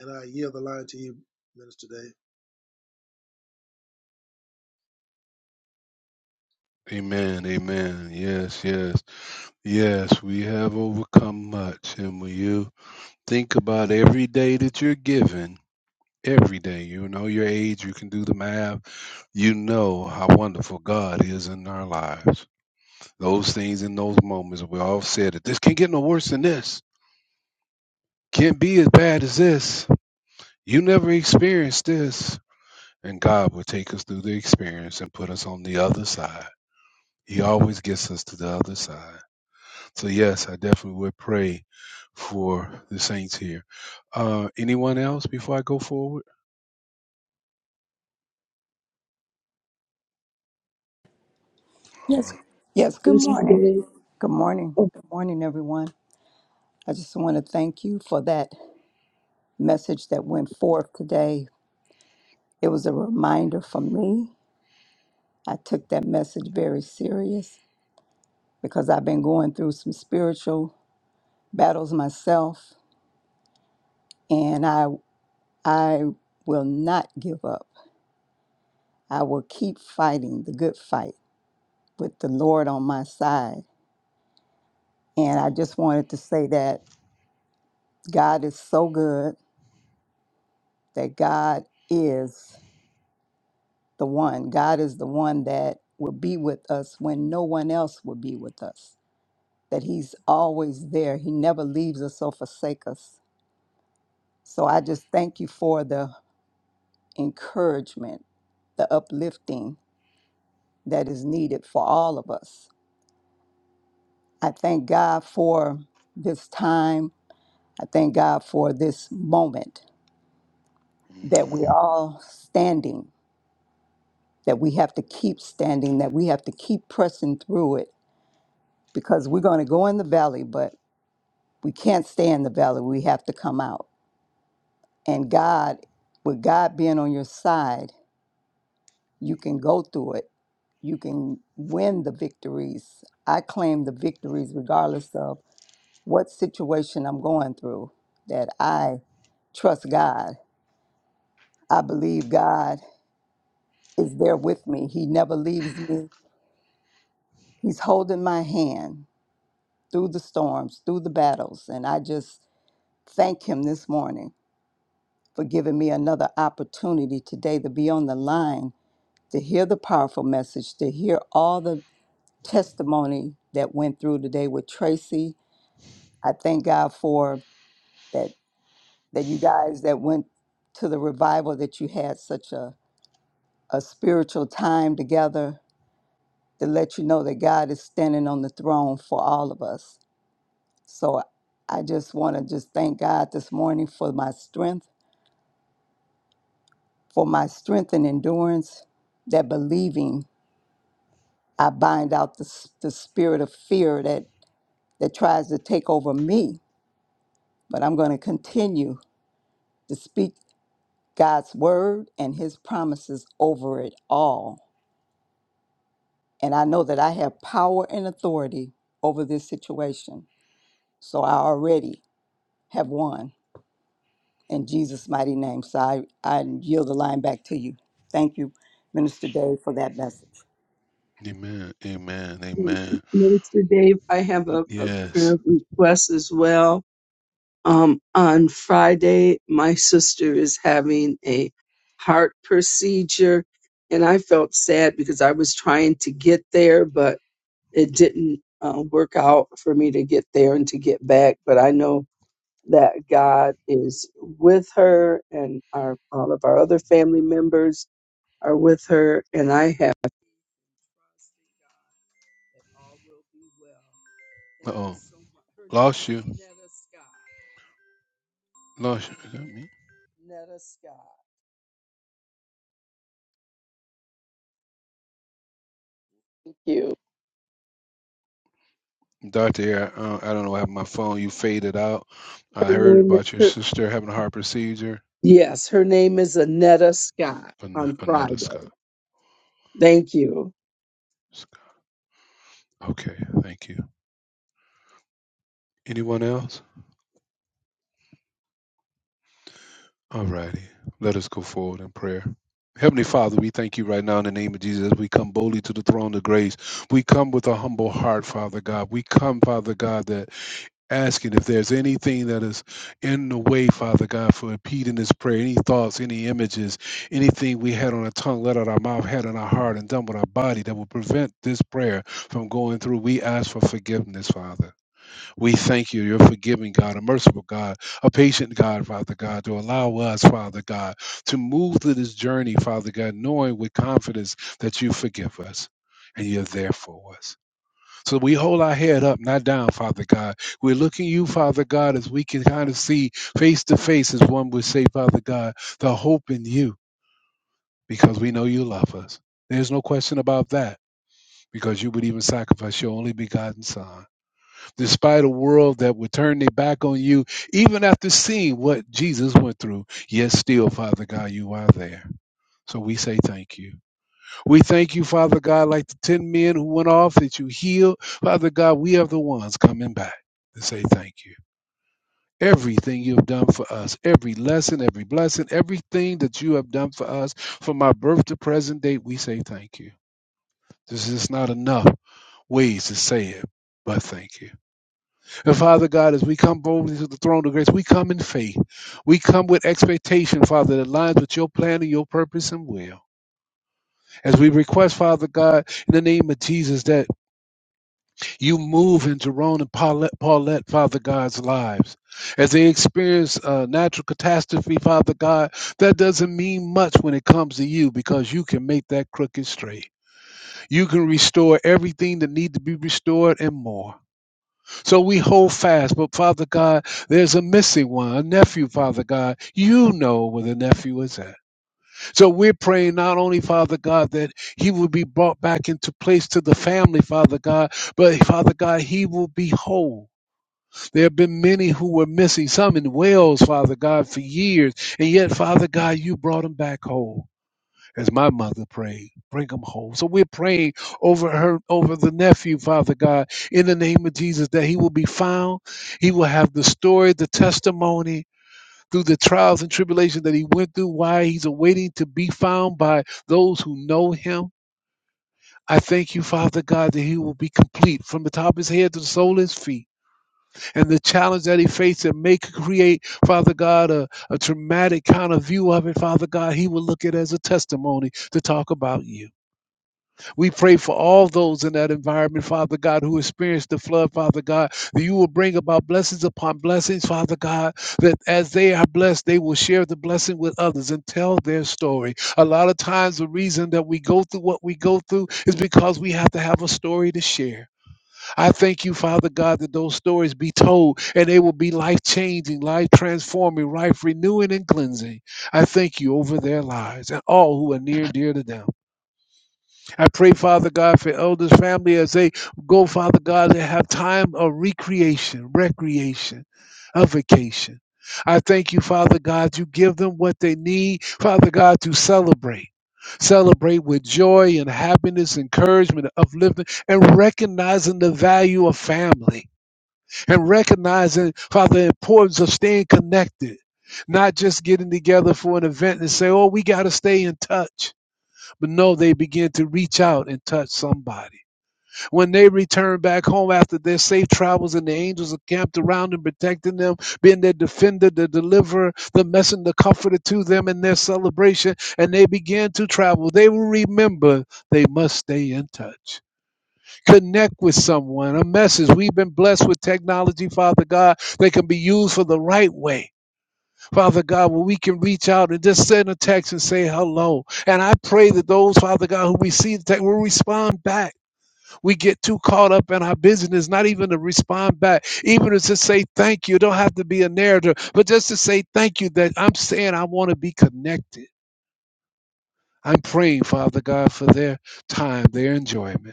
and I yield the line to you, Minister Dave. amen. Amen. Yes, yes. Yes, we have overcome much. And when you think about every day that you're given, every day, you know your age, you can do the math, you know how wonderful God is in our lives. Those things in those moments, we all said that this can't get no worse than this Can't be as bad as this. You never experienced this. And God will take us through the experience and put us on the other side. He always gets us to the other side. So, yes, I definitely would pray for the saints here. Uh, anyone else before I go forward? All right. Yes, good Hey. Minister morning. Dave, Good morning. oh, Good morning, everyone. I just want to thank you for that message that went forth today. It was a reminder for me. I took that message very serious because I've been going through some spiritual battles myself and I I will not give up. I will keep fighting the good fight with the Lord on my side. And I just wanted to say that God is so good that God is. the one. God is the one that will be with us when no one else will be with us. That He's always there. He never leaves us or forsakes us. So I just thank you for the encouragement, the uplifting that is needed for all of us. I thank God for this time. I thank God for this moment that we're Amen. all standing, that we have to keep standing, that we have to keep pressing through it because we're going to go in the valley, but we can't stay in the valley. We have to come out. And God, with God being on your side, you can go through it. You can win the victories. I claim the victories regardless of what situation I'm going through, that I trust God. I believe God is there with me. He never leaves me. He's holding my hand through the storms, through the battles. And I just thank Him this morning for giving me another opportunity today to be on the line, to hear the powerful message, to hear all the testimony that went through today with Tracy. I thank God for that that you guys that went to the revival that you had such a, a spiritual time together to let you know that God is standing on the throne for all of us. So I just want to just thank God this morning for my strength, for my strength and endurance, that believing I bind out the, s- the spirit of fear that, that tries to take over me, but I'm going to continue to speak God's word and his promises over it all. And I know that I have power and authority over this situation. So I already have won in Jesus' mighty name. So I, I yield the line back to you. Thank you, Minister Dave, for that message. Amen. Amen. um, Amen. Minister Dave, I have a, a Yes. prayer request as well. Um, on Friday, my sister is having a heart procedure, and I felt sad because I was trying to get there, but it didn't uh, work out for me to get there and to get back. But I know that God is with her, and our all of our other family members are with her, and I have trust in God that all will be well. Uh Thank you oh. so much. Her name Lost is you. Netta Scott. Lost you. Is that me? Netta Scott. Thank you. Doctor, I, uh, I don't know what happened. to My phone, you faded out. I Her heard name- about your her- sister having a heart procedure. Yes, her name is Anetta Scott An- on Anetta Scott. Friday. Thank you. Scott. Okay, thank you. Anyone else? All righty. Let us go forward in prayer. Heavenly Father, we thank you right now in the name of Jesus. as We come boldly to the throne of grace. We come with a humble heart, Father God. We come, Father God, that asking if there's anything that is in the way, Father God, for impeding this prayer, any thoughts, any images, anything we had on our tongue, let out our mouth, had on our heart, and done with our body that will prevent this prayer from going through. We ask for forgiveness, Father. We thank you. You're forgiving God, a merciful God, a patient God, Father God, to allow us, Father God, to move through this journey, Father God, knowing with confidence that you forgive us and you're there for us. So we hold our head up, not down, Father God. We're looking you, Father God, as we can kind of see face to face, as one would say, Father God, the hope in you, because we know you love us. There's no question about that, because you would even sacrifice your only begotten Son despite a world that would turn their back on you, even after seeing what Jesus went through. Yet still, Father God, you are there. So we say thank you. We thank you, Father God, like the 10 men who went off that you healed. Father God, we are the ones coming back to say thank you. Everything you have done for us, every lesson, every blessing, everything that you have done for us from our birth to present date, we say thank you. This is not enough ways to say it, but thank you. And Father God, as we come boldly to the throne of grace, we come in faith. We come with expectation, Father, that aligns with your plan and your purpose and will. As we request, Father God, in the name of Jesus, that you move in Jerome and Paulette, Paulette Father God's lives. As they experience a natural catastrophe, Father God, that doesn't mean much when it comes to you because you can make that crooked straight. You can restore everything that needs to be restored and more. So we hold fast. But Father God, there's a missing one, a nephew, Father God. You know where the nephew is at. So we're praying not only, Father God, that he will be brought back into place to the family, Father God, but Father God, he will be whole. There have been many who were missing, some in Wales, Father God, for years. And yet, Father God, you brought them back whole as my mother prayed, bring him home. So we're praying over her, over the nephew, Father God, in the name of Jesus, that he will be found. He will have the story, the testimony through the trials and tribulations that he went through, why he's awaiting to be found by those who know him. I thank you, Father God, that he will be complete from the top of his head to the sole of his feet. And the challenge that he faced that may create, Father God, a, a traumatic kind of view of it, Father God, he will look at it as a testimony to talk about you. We pray for all those in that environment, Father God, who experienced the flood, Father God, that you will bring about blessings upon blessings, Father God, that as they are blessed, they will share the blessing with others and tell their story. A lot of times, the reason that we go through what we go through is because we have to have a story to share. I thank you, Father God, that those stories be told and they will be life changing, life transforming, life renewing, and cleansing. I thank you over their lives and all who are near and dear to them. I pray, Father God, for elders' family as they go, Father God, and have time of recreation, recreation, a vacation. I thank you, Father God, you give them what they need, Father God, to celebrate. Celebrate with joy and happiness, encouragement, uplifting, and recognizing the value of family and recognizing, Father, the importance of staying connected, not just getting together for an event and say, oh, we got to stay in touch but no, they begin to reach out and touch somebody. When they return back home after their safe travels and the angels are camped around and protecting them, being their defender, the deliverer, the messenger, the comforter to them in their celebration, and they begin to travel, they will remember they must stay in touch. Connect with someone, a message. We've been blessed with technology, Father God, that can be used for the right way Father God, where we can reach out and just send a text and say hello. And I pray that those, Father God, who receive the text will respond back. We get too caught up in our business, not even to respond back, even to just say thank you. It don't have to be a narrative, but just to say thank you that I'm saying I want to be connected. I'm praying, Father God, for their time, their enjoyment.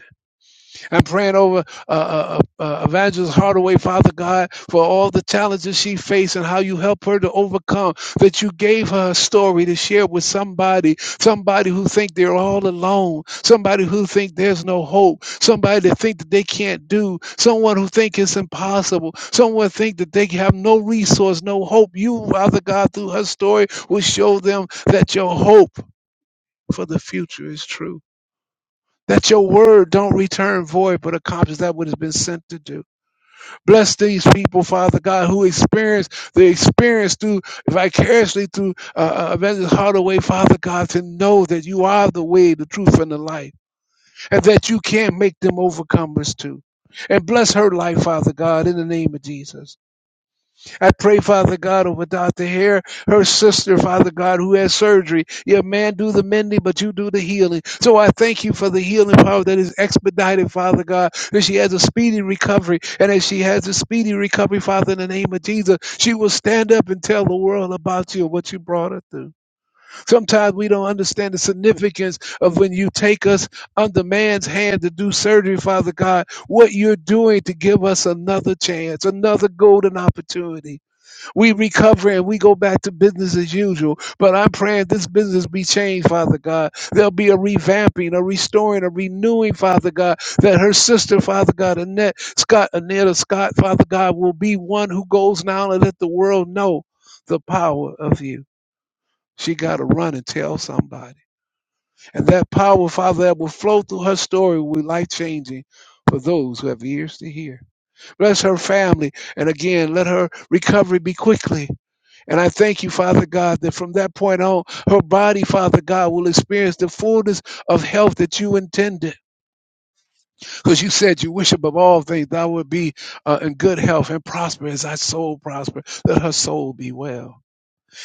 I'm praying over uh, uh, uh, uh, Evangelist Hardaway, Father God, for all the challenges she faced and how you help her to overcome. That you gave her a story to share with somebody, somebody who think they're all alone, somebody who think there's no hope, somebody that think that they can't do, someone who think it's impossible, someone think that they have no resource, no hope. You, Father God, through her story, will show them that your hope for the future is true that your word don't return void, but accomplish that which has been sent to do. Bless these people, Father God, who experience the experience through vicariously through uh, uh, Evangelist Hardaway, Father God, to know that you are the way, the truth, and the life, and that you can make them overcomers too. And bless her life, Father God, in the name of Jesus. I pray, Father God, over Dr. Hare, her sister, Father God, who has surgery. Yeah, man, do the mending, but you do the healing. So I thank you for the healing power that is expedited, Father God, that she has a speedy recovery. And as she has a speedy recovery, Father, in the name of Jesus, she will stand up and tell the world about you and what you brought her through. Sometimes we don't understand the significance of when you take us under man's hand to do surgery, Father God, what you're doing to give us another chance, another golden opportunity. We recover and we go back to business as usual. But I'm praying this business be changed, Father God. There'll be a revamping, a restoring, a renewing, Father God, that her sister, Father God, Annette Scott, Annetta Scott, Father God, will be one who goes now and let the world know the power of you. She got to run and tell somebody. And that power, Father, that will flow through her story will be life changing for those who have ears to hear. Bless her family. And again, let her recovery be quickly and I thank you, Father God, that from that point on, her body, Father God, will experience the fullness of health that you intended. Because you said you wish above all things thou would be uh, in good health and prosper as thy soul prosper. Let her soul be well.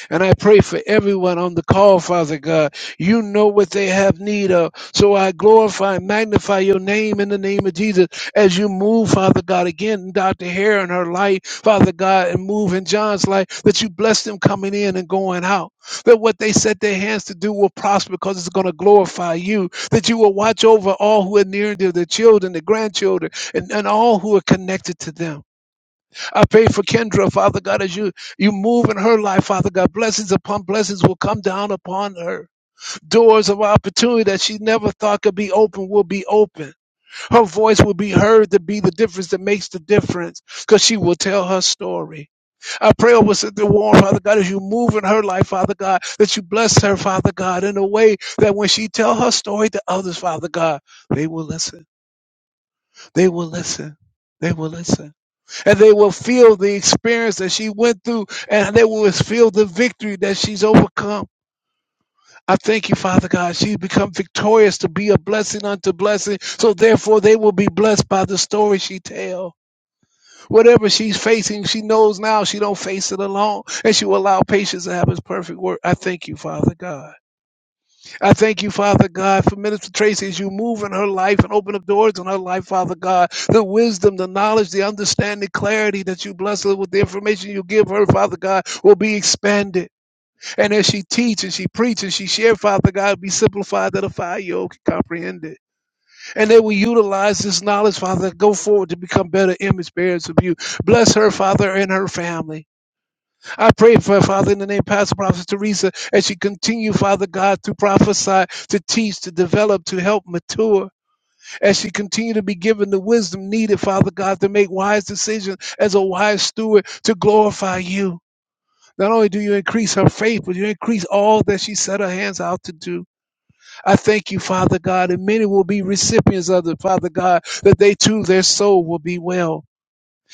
And I pray for everyone on the call, Father God. You know what they have need of. So I glorify and magnify your name in the name of Jesus as you move, Father God, again, in Dr. Hare and her life, Father God, and move in John's life, that you bless them coming in and going out. That what they set their hands to do will prosper because it's going to glorify you. That you will watch over all who are near to their children, their grandchildren, and, and all who are connected to them. I pray for Kendra, Father God, as you you move in her life, Father God. Blessings upon blessings will come down upon her. Doors of opportunity that she never thought could be open will be open. Her voice will be heard to be the difference that makes the difference because she will tell her story. I pray over Sister Warren, Father God, as you move in her life, Father God, that you bless her, Father God, in a way that when she tell her story to others, Father God, they will listen. They will listen. They will listen and they will feel the experience that she went through, and they will feel the victory that she's overcome. I thank you, Father God. She's become victorious to be a blessing unto blessing, so therefore they will be blessed by the story she tells. Whatever she's facing, she knows now she don't face it alone, and she will allow patience to have its perfect work. I thank you, Father God. I thank you, Father God, for Minister Tracy as you move in her life and open up doors in her life, Father God. The wisdom, the knowledge, the understanding, clarity that you bless her with the information you give her, Father God, will be expanded. And as she teaches she preaches she shares, Father God, be simplified that a five year old can comprehend it. And they will utilize this knowledge, Father, go forward to become better image bearers of you. Bless her, Father, and her family. I pray for Father in the name, of Pastor Prophet Teresa, as she continue, Father God, to prophesy, to teach, to develop, to help mature, as she continue to be given the wisdom needed, Father God, to make wise decisions as a wise steward to glorify you. Not only do you increase her faith, but you increase all that she set her hands out to do. I thank you, Father God, and many will be recipients of it, Father God, that they too, their soul will be well.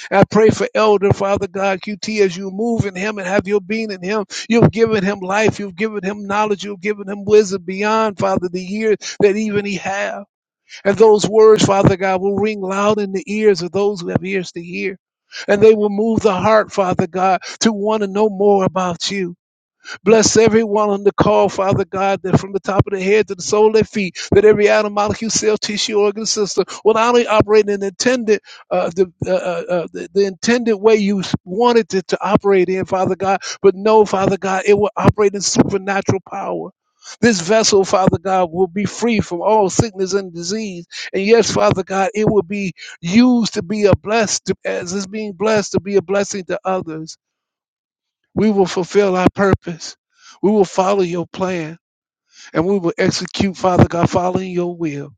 I pray for Elder Father God QT as you move in him and have your being in him. You've given him life. You've given him knowledge. You've given him wisdom beyond, Father, the years that even he have. And those words, Father God, will ring loud in the ears of those who have ears to hear. And they will move the heart, Father God, to want to know more about you. Bless everyone on the call, Father God, that from the top of their head to the sole of their feet, that every atom, molecule, cell, tissue, organ, system will not only operate in the intended, uh, the, uh, uh, uh, the, the intended way you wanted it to operate in, Father God, but no, Father God, it will operate in supernatural power. This vessel, Father God, will be free from all sickness and disease. And yes, Father God, it will be used to be a blessed, as it's being blessed, to be a blessing to others. We will fulfill our purpose. We will follow your plan and we will execute, Father God, following your will.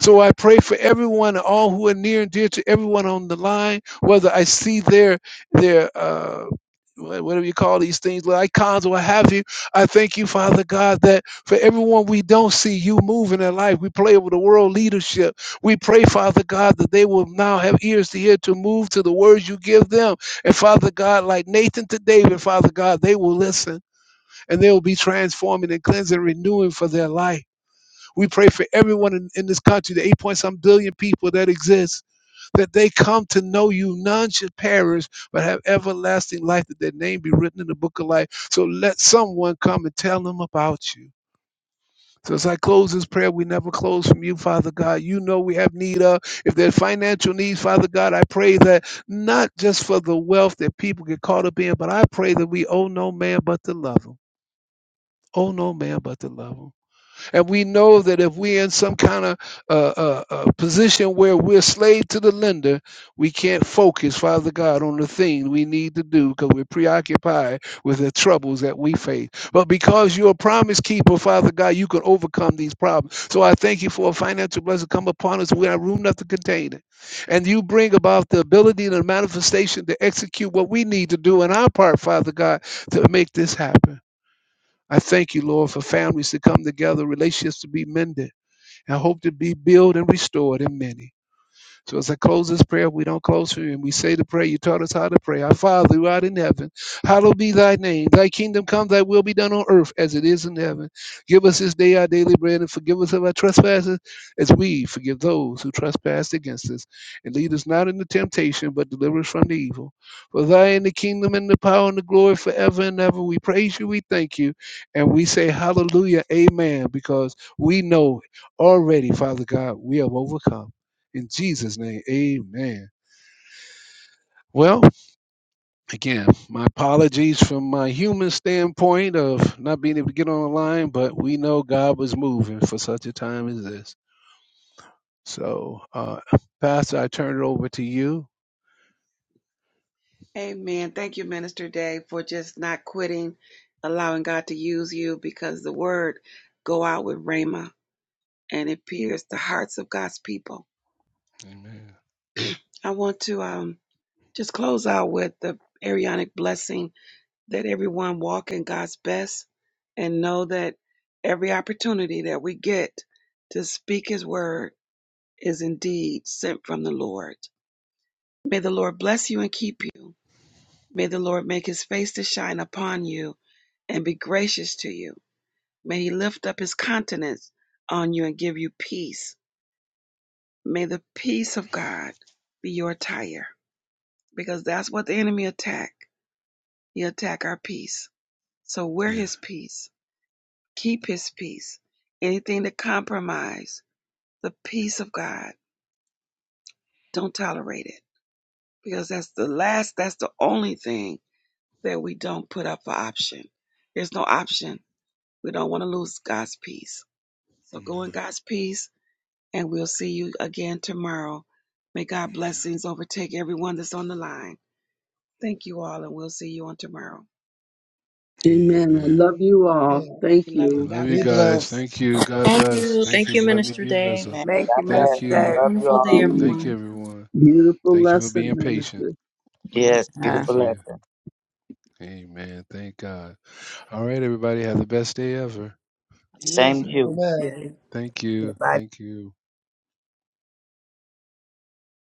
So I pray for everyone, all who are near and dear to everyone on the line, whether I see their their uh wha- whatever you call these things, like icons or what have you. I thank you, Father God, that for everyone we don't see, you move in their life. We pray over the world leadership. We pray, Father God, that they will now have ears to hear to move to the words you give them. And Father God, like Nathan to David, Father God, they will listen and they will be transforming and cleansing, renewing for their life. We pray for everyone in, in this country, the 8 point some billion people that exist, that they come to know you. None should perish, but have everlasting life, that their name be written in the book of life. So let someone come and tell them about you. So as I close this prayer, we never close from you, Father God. You know we have need of. If there's financial needs, Father God, I pray that not just for the wealth that people get caught up in, but I pray that we owe no man but to love them. Owe no man but to love them. And we know that if we're in some kind of uh, uh, uh, position where we're slave to the lender, we can't focus, Father God, on the thing we need to do because we're preoccupied with the troubles that we face. But because you're a promise keeper, Father God, you can overcome these problems. So I thank you for a financial blessing come upon us. We have room enough to contain it. And you bring about the ability and the manifestation to execute what we need to do in our part, Father God, to make this happen. I thank you, Lord, for families to come together, relationships to be mended, and hope to be built and restored in many. So as I close this prayer, we don't close for him. We say the prayer. You taught us how to pray. Our Father who art in heaven, hallowed be thy name. Thy kingdom come, thy will be done on earth as it is in heaven. Give us this day our daily bread and forgive us of our trespasses as we forgive those who trespass against us. And lead us not into temptation, but deliver us from the evil. For thine the kingdom and the power and the glory forever and ever. We praise you, we thank you, and we say hallelujah, amen, because we know already, Father God, we have overcome. In Jesus' name, amen. Well, again, my apologies from my human standpoint of not being able to get online, but we know God was moving for such a time as this. So, uh, Pastor, I turn it over to you. Amen. Yeah. Amen. Amen. I Amen. love you all. Yeah. Thank I you. love you Be guys. blessed. Thank you. God Thank bless. you. Thank Thank you you, for letting me Minister be a Dave. vessel. Amen. Thank God you, Thank Minister Have a bless. you. Dave. Love you wonderful day, all. Thank everyone. you, everyone. Beautiful Thank you for lesson, being Minister. patient. Amen. Yes, Uh, beautiful Thank you. lesson. Amen. Thank God. All right, everybody. Have the best day ever. Yes, Same to Amen. you. amen. Thank you. yeah. Thank you.